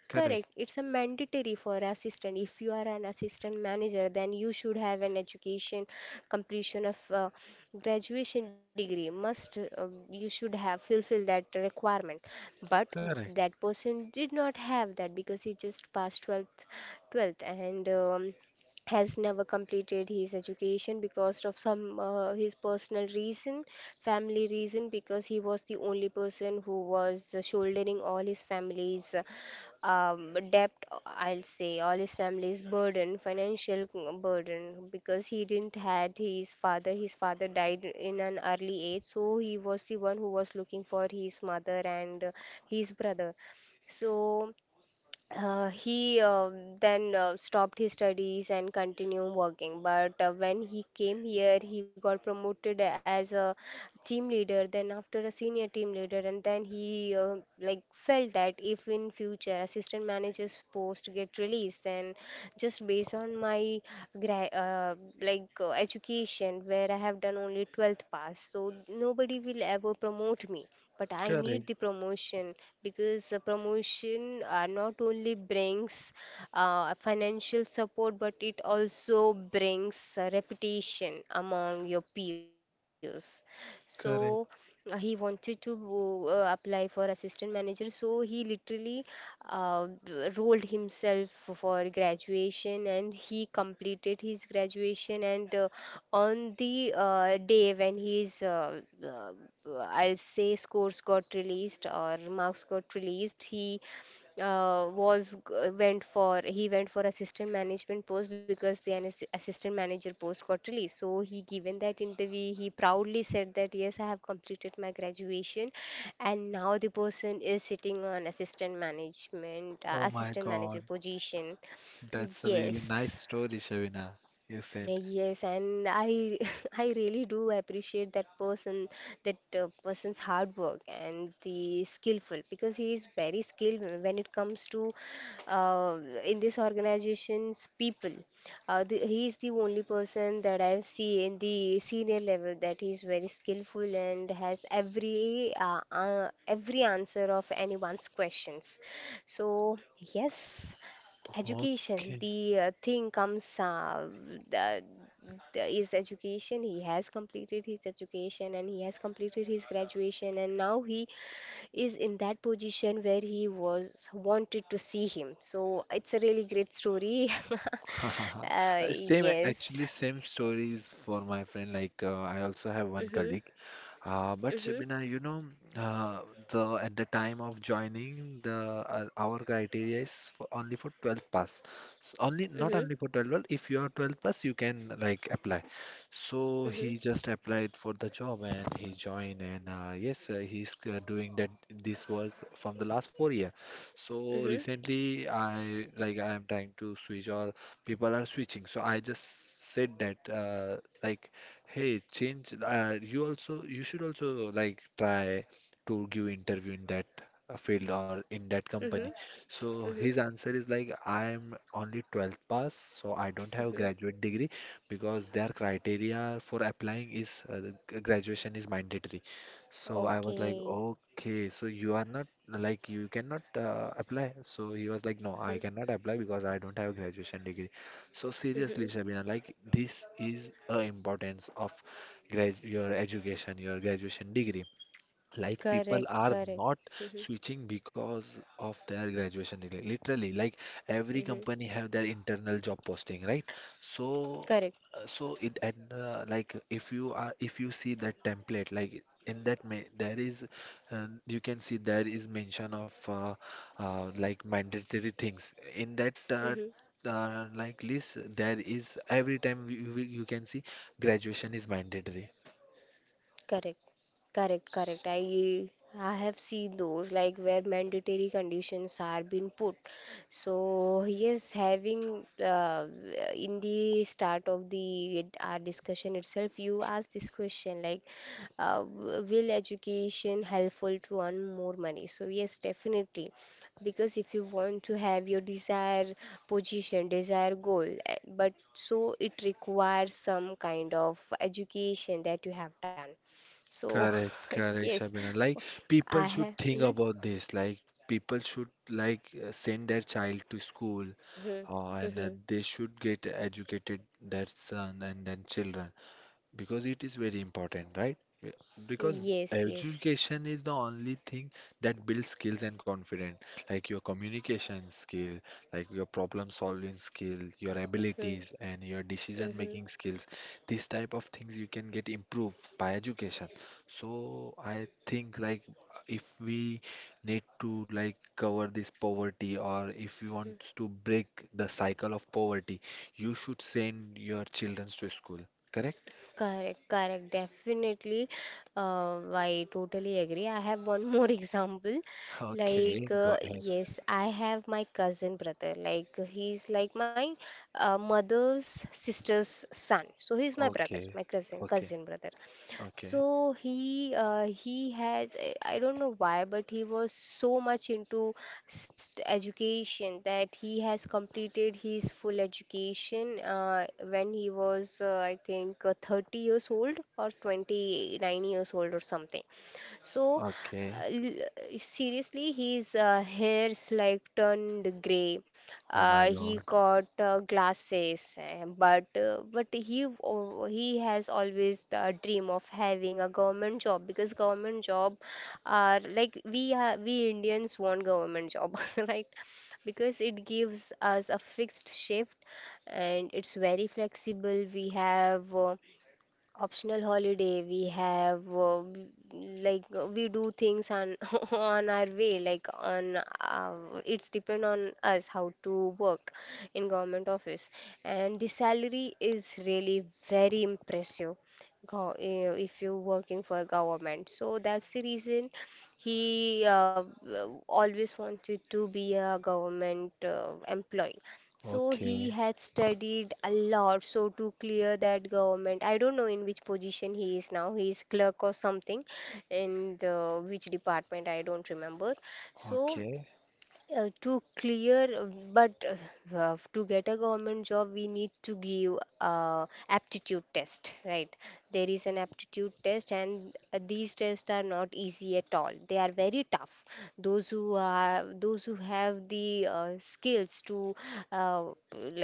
Speaker 2: Correct.
Speaker 1: Correct. It's a mandatory for assistant. If you are an assistant manager, then you should have an education completion of graduation degree. Must You should have fulfill that requirement. But
Speaker 2: Correct.
Speaker 1: that person did not have that, because he just passed 12th, 12th, and has never completed his education because of some his personal reason, family reason, because he was the only person who was shouldering all his family's debt, I'll say, all his family's burden, financial burden, because he didn't had his father. His father died in an early age, so he was the one who was looking for his mother and his brother. So he then stopped his studies and continued working. But when he came here, he got promoted as a team leader, then after a senior team leader, and then he felt that if in future assistant manager's post get released, then just based on my gra- uh, education, where I have done only 12th pass, so nobody will ever promote me, but I need
Speaker 2: Correct.
Speaker 1: the promotion, because the promotion not only brings financial support, but it also brings reputation among your peers. So
Speaker 2: Correct.
Speaker 1: he wanted to apply for assistant manager, so he literally rolled himself for graduation, and he completed his graduation. And on the day when his I'll say scores got released or marks got released, he went for assistant management post, because the assistant manager post got released. So he given that interview, he proudly said that yes, I have completed my graduation, and now the person is sitting on assistant management
Speaker 2: Oh my
Speaker 1: assistant manager
Speaker 2: god.
Speaker 1: position.
Speaker 2: That's a really
Speaker 1: Yes.
Speaker 2: nice story, Shavina. You said.
Speaker 1: Yes, and I I really do appreciate that person, that person's hard work and the skillful, because he is very skilled when it comes to uh, in this organization's people. He is the only person that I see in the senior level that he is very skillful and has every answer of anyone's questions. So yes. Education,
Speaker 2: Okay.
Speaker 1: the thing comes, the, the, his education. He has completed his education, and he has completed his graduation, and now he is in that position where he was wanted to see him. So it's a really great story.
Speaker 2: Uh, Same,
Speaker 1: Yes.
Speaker 2: actually, same stories for my friend. Like, I also have one
Speaker 1: Mm-hmm.
Speaker 2: colleague. But
Speaker 1: Mm-hmm.
Speaker 2: Shabina, you know, uh, the at the time of joining, the our criteria is for only for 12th pass. So only not
Speaker 1: Mm-hmm.
Speaker 2: only for 12th, pass, if you are 12th pass, you can like apply. So he just applied for the job and he joined, and yes, he's doing that this work from the last 4 year.
Speaker 1: Mm-hmm.
Speaker 2: So
Speaker 1: Mm-hmm.
Speaker 2: recently, I like I am trying to switch, or people are switching. So I just said that like. Hey, change. You also you should also like try to give interview in that field or in that company.
Speaker 1: Mm-hmm.
Speaker 2: So
Speaker 1: Mm-hmm.
Speaker 2: his answer is like I am only 12th pass, so I don't have
Speaker 1: Mm-hmm.
Speaker 2: graduate degree because their criteria for applying is the graduation is mandatory. So I was like,
Speaker 1: Okay.
Speaker 2: okay, so you are not like you cannot apply. So he was like, no, I
Speaker 1: Mm-hmm.
Speaker 2: cannot apply because I don't have graduation degree. So seriously,
Speaker 1: Mm-hmm.
Speaker 2: Shabina, like this is a importance of grad your education, your graduation degree. Like people
Speaker 1: Correct.
Speaker 2: are
Speaker 1: Correct.
Speaker 2: not
Speaker 1: Mm-hmm.
Speaker 2: switching because of their graduation degree, literally. Like every
Speaker 1: Mm-hmm.
Speaker 2: company have their internal job posting, right? So
Speaker 1: Correct.
Speaker 2: so it, and like if you are, if you see that template, like in that may, there is you can see there is mention of like mandatory things in that
Speaker 1: Mhm.
Speaker 2: like list, there is every time you can see graduation is mandatory.
Speaker 1: Correct, correct, correct. I have seen those, like where mandatory conditions are being put. So yes, having uh, in the start of the our discussion itself, you asked this question, like, will education helpful to earn more money? So yes, definitely, because if you want to have your desired position, desired goal, eh, but so it requires some kind of education that you have done, so,
Speaker 2: Correct, correct,
Speaker 1: yes,
Speaker 2: Shabina.
Speaker 1: for-
Speaker 2: Like
Speaker 1: I
Speaker 2: people
Speaker 1: have.
Speaker 2: should think
Speaker 1: Mhm,
Speaker 2: about this. Like people should like send their child to school,
Speaker 1: mhm,
Speaker 2: and
Speaker 1: mhm.
Speaker 2: they should get educated their son and then children, because it is very important, right? Be- Because
Speaker 1: Yes, yes.
Speaker 2: education is the only thing that builds skills and confidence, like your communication skill, like your problem solving skill, your
Speaker 1: Mm,
Speaker 2: abilities, and your decision
Speaker 1: mhm.
Speaker 2: making skills. These type of things you can get improved by education. So I think like if we need to like cover this poverty, or if you want to break the cycle of poverty, you should send your children to school. Correct?
Speaker 1: Correct, correct. Definitely. I totally agree. I have one more example.
Speaker 2: Okay,
Speaker 1: Like,
Speaker 2: go ahead.
Speaker 1: yes, I have my cousin brother. Like, he's like my mother's sister's son. So, he's my brother,
Speaker 2: Okay,
Speaker 1: my
Speaker 2: okay,
Speaker 1: cousin brother.
Speaker 2: okay,
Speaker 1: So he has I don't know why, but he was so much into education that he has completed his full education when he was I think 30 years old or 29 years old or something. So,
Speaker 2: okay.
Speaker 1: uh, l- seriously, his hair's like turned gray.
Speaker 2: Oh my
Speaker 1: He
Speaker 2: God.
Speaker 1: got glasses, eh, but he has always the dream of having a government job, because government job are like, we are, we Indians want government job, right? Because it gives us a fixed shift and it's very flexible. We have. Optional holiday we have we do things on on our way, like on it's depend on us how to work in government office. And the salary is really very impressive, if you're working for government. So that's the reason always wanted to be a government employee. So he
Speaker 2: Okay,
Speaker 1: had studied a lot, so to clear that government. I don't know in which position he is now. He is clerk or something in the which department, I don't remember. So
Speaker 2: okay,
Speaker 1: to clear but to get a government job, we need to give aptitude test, right? There is an aptitude test, and these tests are not easy at all, they are very tough. Those who have the skills to uh,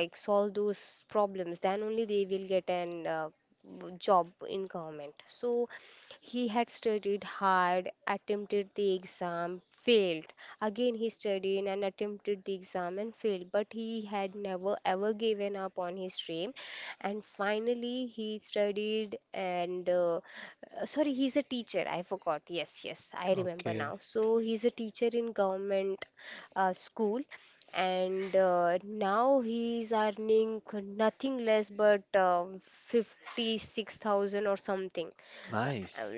Speaker 1: solve those problems, then only they will get an w- job in government. So he had studied hard, attempted the exam, failed. Again he studied and attempted the exam and failed, but he had never ever given up on his dream. And finally he studied and sorry, he's a teacher. I forgot. Yes, yes, I remember
Speaker 2: okay.
Speaker 1: now. So he's a teacher in government school. And now he is earning nothing less but 56,000 or something. Uh,
Speaker 2: Nice.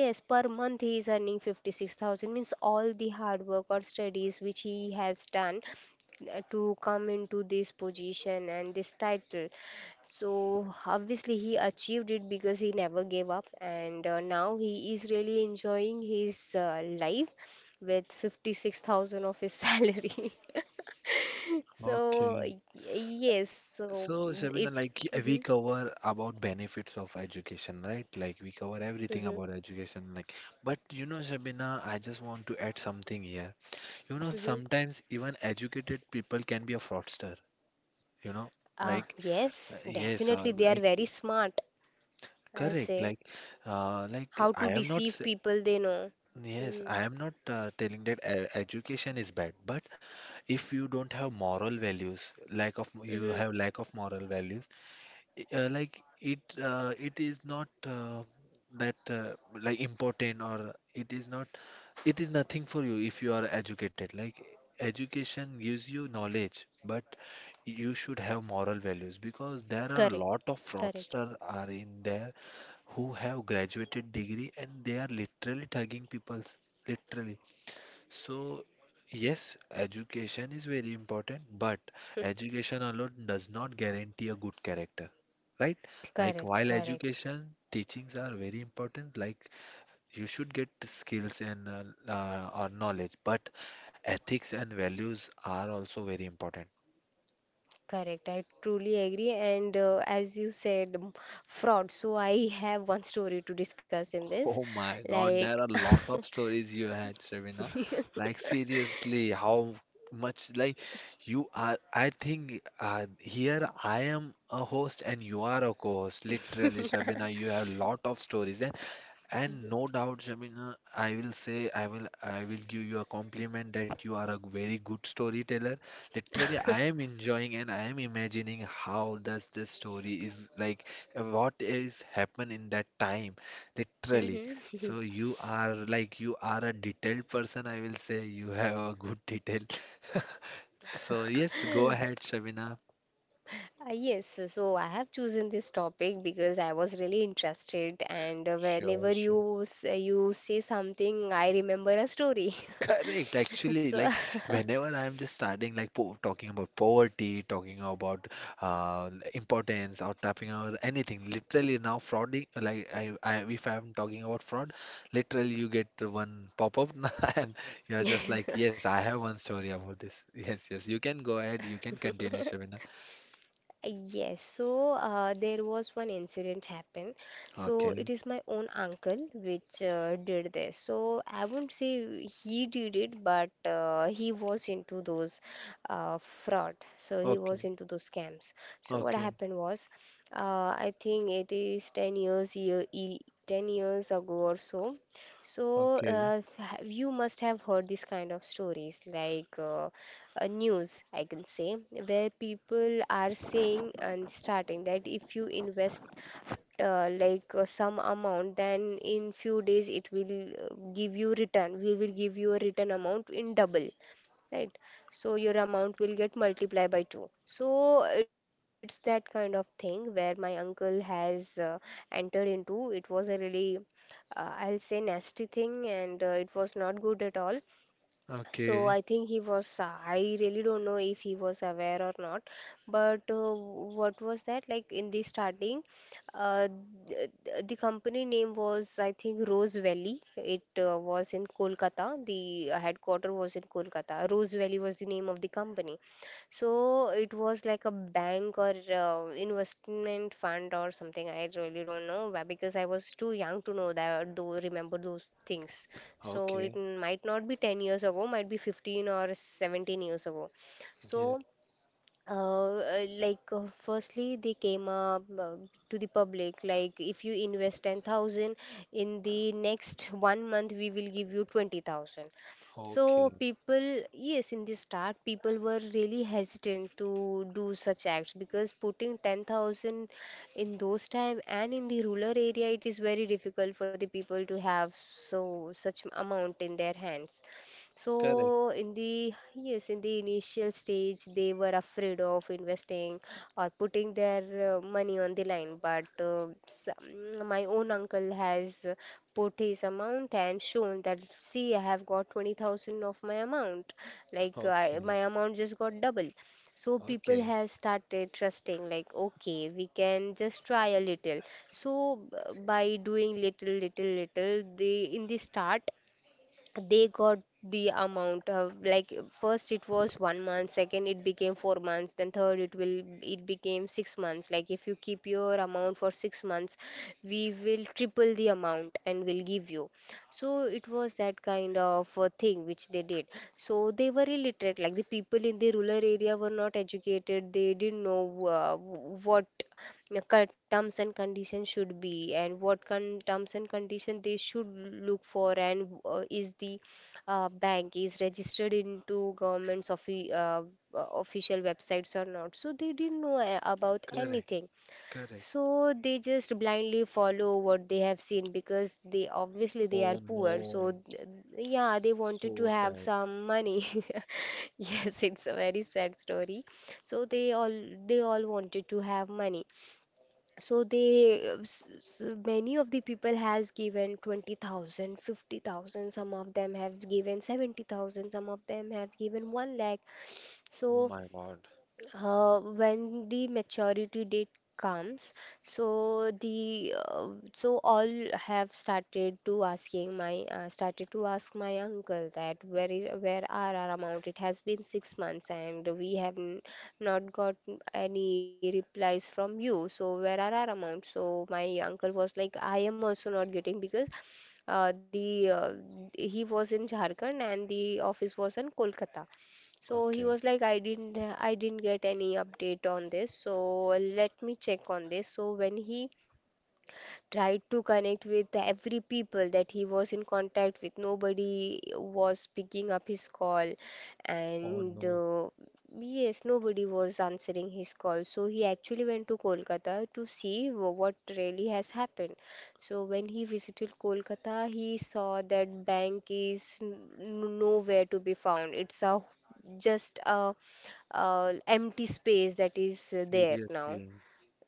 Speaker 1: Yes, per month he is earning 56,000, means all the hard work or studies which he has done to come into this position and this title. So obviously he achieved it because he never gave up, and now he is really enjoying his life with 56,000 of his salary. So
Speaker 2: Okay.
Speaker 1: y- yes, so
Speaker 2: So, Shabina,
Speaker 1: it's.
Speaker 2: like we
Speaker 1: hmm,
Speaker 2: cover about benefits of education, right? Like we cover everything
Speaker 1: hmm,
Speaker 2: about education. Like, but you know, Shabina, I just want to add something here. You know,
Speaker 1: hmm.
Speaker 2: sometimes even educated people can be a fraudster. You know, like
Speaker 1: Yes,
Speaker 2: yes,
Speaker 1: definitely they are
Speaker 2: like
Speaker 1: very smart, I'll
Speaker 2: correct.
Speaker 1: say.
Speaker 2: Like
Speaker 1: How to
Speaker 2: I am not.
Speaker 1: deceive
Speaker 2: S-
Speaker 1: people they know.
Speaker 2: Yes,
Speaker 1: Mm,
Speaker 2: I am not telling that education is bad, but if you don't have moral values, lack of you
Speaker 1: mm-hmm.
Speaker 2: have lack of moral values, like it it is not that like important, or it is not, it is nothing for you if you are educated. Like education gives you knowledge, but you should have moral values, because there are a
Speaker 1: Correct,
Speaker 2: lot of
Speaker 1: correct,
Speaker 2: fraudsters are in there who have graduated degree, and they are literally thugging people's, literally. So, yes, education is very important, but education alone does not guarantee a good character, right? Like,
Speaker 1: correct,
Speaker 2: while
Speaker 1: correct,
Speaker 2: education teachings are very important, like, you should get skills and or knowledge, but ethics and values are also very important.
Speaker 1: correct. I truly agree. And as you said, fraud. So I have one story to discuss in this.
Speaker 2: Oh my God, there
Speaker 1: Like,
Speaker 2: are a lot of stories you had, Sravina. Like seriously, how much like you are, I think here I am a host and you are a co-host. Literally, Shabina, you have a lot of stories. And no doubt, Jamina, I will say, I will give you a compliment that you are a very good storyteller. Literally, I am enjoying and I am imagining how does this story is like, what is happen in that time, literally.
Speaker 1: Mhm.
Speaker 2: So you are like, you are a detailed person, I will say. You have a good detail. So yes, go ahead, Shabina.
Speaker 1: Yes, so I have chosen this topic because I was really interested, and
Speaker 2: Sure,
Speaker 1: whenever
Speaker 2: sure.
Speaker 1: you say something, I remember a story.
Speaker 2: Correct. Actually,
Speaker 1: So
Speaker 2: like whenever I'm just starting, like po talking about poverty, talking about importance, or talking about anything, literally now frauding. Like if I'm talking about fraud, literally you get the one pop-up, and you're just like, yes, I have one story about this. Yes, yes. You can go ahead. You can continue, Shabina.
Speaker 1: yes, so there was one incident happened. So it
Speaker 2: Okay.
Speaker 1: is my own uncle which did this. So I won't say he did it, but he was into those fraud. So he was
Speaker 2: Okay.
Speaker 1: into those scams. So what
Speaker 2: Okay.
Speaker 1: happened was, I think it is 10 years ago or so. So
Speaker 2: Okay.
Speaker 1: you must have heard these kind of stories like news, I can say, where people are saying and starting that if you invest some amount, then in few days it will give you return. We will give you a return amount in double, right? So your amount will get multiplied by two. So it's that kind of thing where my uncle has entered into. It was a really I'll say nasty thing, and it was not good at all. So
Speaker 2: Okay.
Speaker 1: I think he was, I really don't know if he was aware or not. But what was that? Like in the starting, uh, the company name was, I think, Rose Valley. It was in Kolkata. The headquarter was in Kolkata. Rose Valley was the name of the company. So it was like a bank or investment fund or something. I really don't know why, because I was too young to know that, though remember those things, so it
Speaker 2: Okay.
Speaker 1: might not be 10 years ago, might be 15 or 17 years ago.
Speaker 2: Yes.
Speaker 1: So uh, firstly they came up to the public, like if you invest 10,000, in the next 1 month we will give you 20,000. So
Speaker 2: Okay.
Speaker 1: people, yes, in the start people were really hesitant to do such acts, because putting 10,000 in those time and in the rural area, it is very difficult for the people to have so such amount in their hands.
Speaker 2: Correct.
Speaker 1: So in the yes, in the initial stage, they were afraid of investing or putting their money on the line. But my own uncle has put his amount and shown that, see, I have got 20,000 of my amount. Like
Speaker 2: Okay.
Speaker 1: I, my amount just got double. So people
Speaker 2: Okay.
Speaker 1: have started trusting, like okay, we can just try a little. So by doing little, little, little, they in the start they got the amount of, like first it was 1 month, second it became 4 months, then third it will, it became 6 months. Like if you keep your amount for 6 months, we will triple the amount and will give you. So it was that kind of a thing which they did. So they were illiterate, like the people in the rural area were not educated, they didn't know what the terms and conditions should be, and what terms and condition they should look for, and is the bank is registered into government's official websites or not. So they didn't know about
Speaker 2: Correct.
Speaker 1: anything.
Speaker 2: Correct.
Speaker 1: So they just blindly follow what they have seen, because they obviously they
Speaker 2: Oh
Speaker 1: are poor, so
Speaker 2: no.
Speaker 1: yeah, they wanted to
Speaker 2: So
Speaker 1: have
Speaker 2: sad.
Speaker 1: some money. Yes, it's a very sad story. So they all, they all wanted to have money. So they many of the people has given 20,000, 50,000. Some of them have given 70,000, some of them have given 1 lakh.
Speaker 2: Oh
Speaker 1: So
Speaker 2: my God.
Speaker 1: when the maturity date comes, so the so all have started to asking my started to ask my uncle that, where is, where are our amount, it has been 6 months and we have not got any replies from you, so where are our amount. So my uncle was like, I am also not getting, because the he was in Jharkhand and the office was in Kolkata. So he
Speaker 2: Okay.
Speaker 1: was like, I didn't get any update on this. So let me check on this. So when he tried to connect with every people that he was in contact with, nobody was picking up his call.
Speaker 2: Oh
Speaker 1: And
Speaker 2: no.
Speaker 1: yes, nobody was answering his call. So he actually went to Kolkata to see what really has happened. So when he visited Kolkata, he saw that bank is nowhere to be found. It's a just a empty space that is there now.
Speaker 2: Seriously.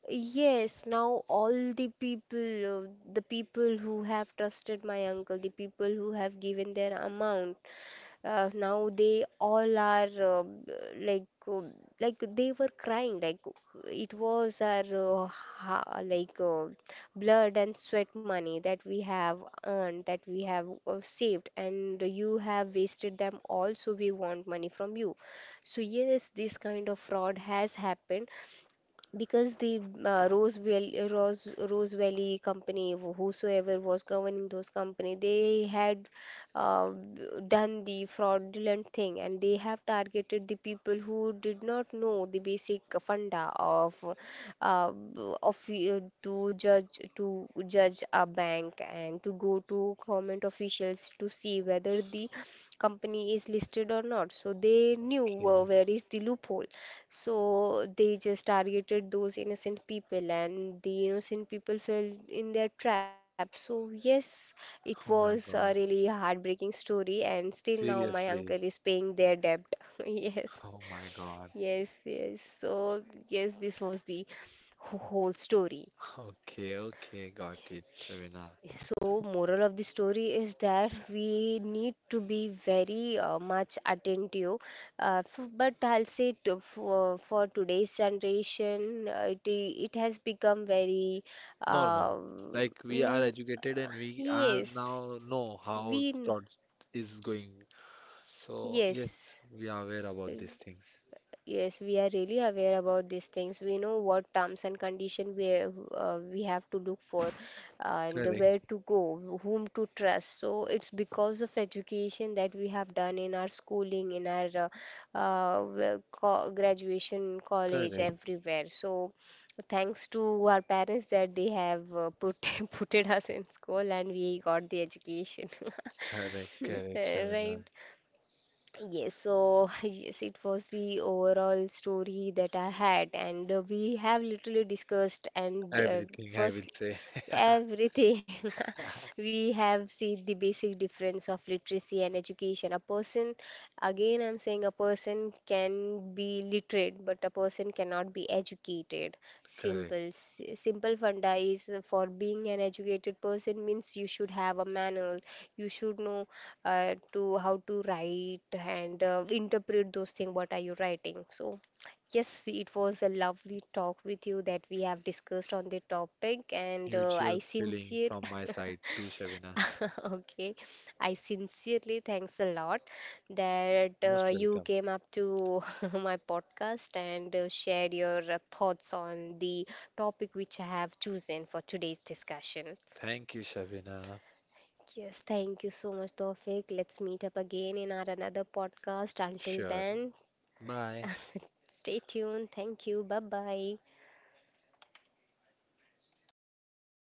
Speaker 1: Yes, now all the people who have trusted my uncle, the people who have given their amount, now they all are like, uh, like they were crying, like it was our ha like blood and sweat money that we have earned, that we have saved, and you have wasted them all, so we want money from you. So yes, this kind of fraud has happened because the Rose Valley company, whosoever was governing those company, they had uh, done the fraudulent thing, and they have targeted the people who did not know the basic funda of uh, to judge a bank and to go to government officials to see whether the company is listed or not. So they knew
Speaker 2: Okay.
Speaker 1: where is the loophole. So they just targeted those innocent people, and the innocent people fell in their trap. So, yes, it
Speaker 2: Oh
Speaker 1: was a
Speaker 2: my
Speaker 1: really
Speaker 2: God.
Speaker 1: heartbreaking story, and still now my uncle
Speaker 2: Seriously.
Speaker 1: is paying their debt.
Speaker 2: Oh my God.
Speaker 1: Yes, yes, yes. So, yes, this was the whole story.
Speaker 2: Okay, okay, got it, Shavina.
Speaker 1: So, moral of the story is that we need to be very much attentive. F But I'll say to, for today's generation, it has become very,
Speaker 2: Normal.
Speaker 1: um,
Speaker 2: Like we are
Speaker 1: mm,
Speaker 2: educated and we are
Speaker 1: yes,
Speaker 2: now know how
Speaker 1: we, kn-
Speaker 2: fraud is going. So yes,
Speaker 1: yes,
Speaker 2: we are aware about these things.
Speaker 1: yes, we are really aware about these things. We know what terms and condition we have to look for, and
Speaker 2: Correct,
Speaker 1: where to go, whom to trust. So it's because of education that we have done in our schooling, in our graduation, college,
Speaker 2: correct,
Speaker 1: everywhere. So thanks to our parents that they have put putted us in school and we got the education.
Speaker 2: correct, correct, Shavina.
Speaker 1: Right. Yes, so yes, it was the overall story that I had, and we have literally discussed and
Speaker 2: Everything I will
Speaker 1: first
Speaker 2: say.
Speaker 1: everything. We have seen the basic difference of literacy and education. A person, again, I'm saying, a person can be literate, but a person cannot be educated.
Speaker 2: Correct.
Speaker 1: Simple funda is, for being an educated person means you should have a manual, you should know to how to write and interpret those things what are you writing. So yes, it was a lovely talk with you that we have discussed on the topic, and
Speaker 2: Mutual
Speaker 1: I
Speaker 2: feeling
Speaker 1: sincere
Speaker 2: from my side too, Shavina.
Speaker 1: okay, I sincerely thanks a lot that
Speaker 2: Most
Speaker 1: you
Speaker 2: welcome.
Speaker 1: came up to my podcast and shared your thoughts on the topic which I have chosen for today's discussion.
Speaker 2: Thank you, Shavina.
Speaker 1: Yes, thank you so much, Tawfiq. Let's meet up again in our another podcast. Until
Speaker 2: Sure.
Speaker 1: then,
Speaker 2: Bye.
Speaker 1: stay tuned. Thank you. Bye bye.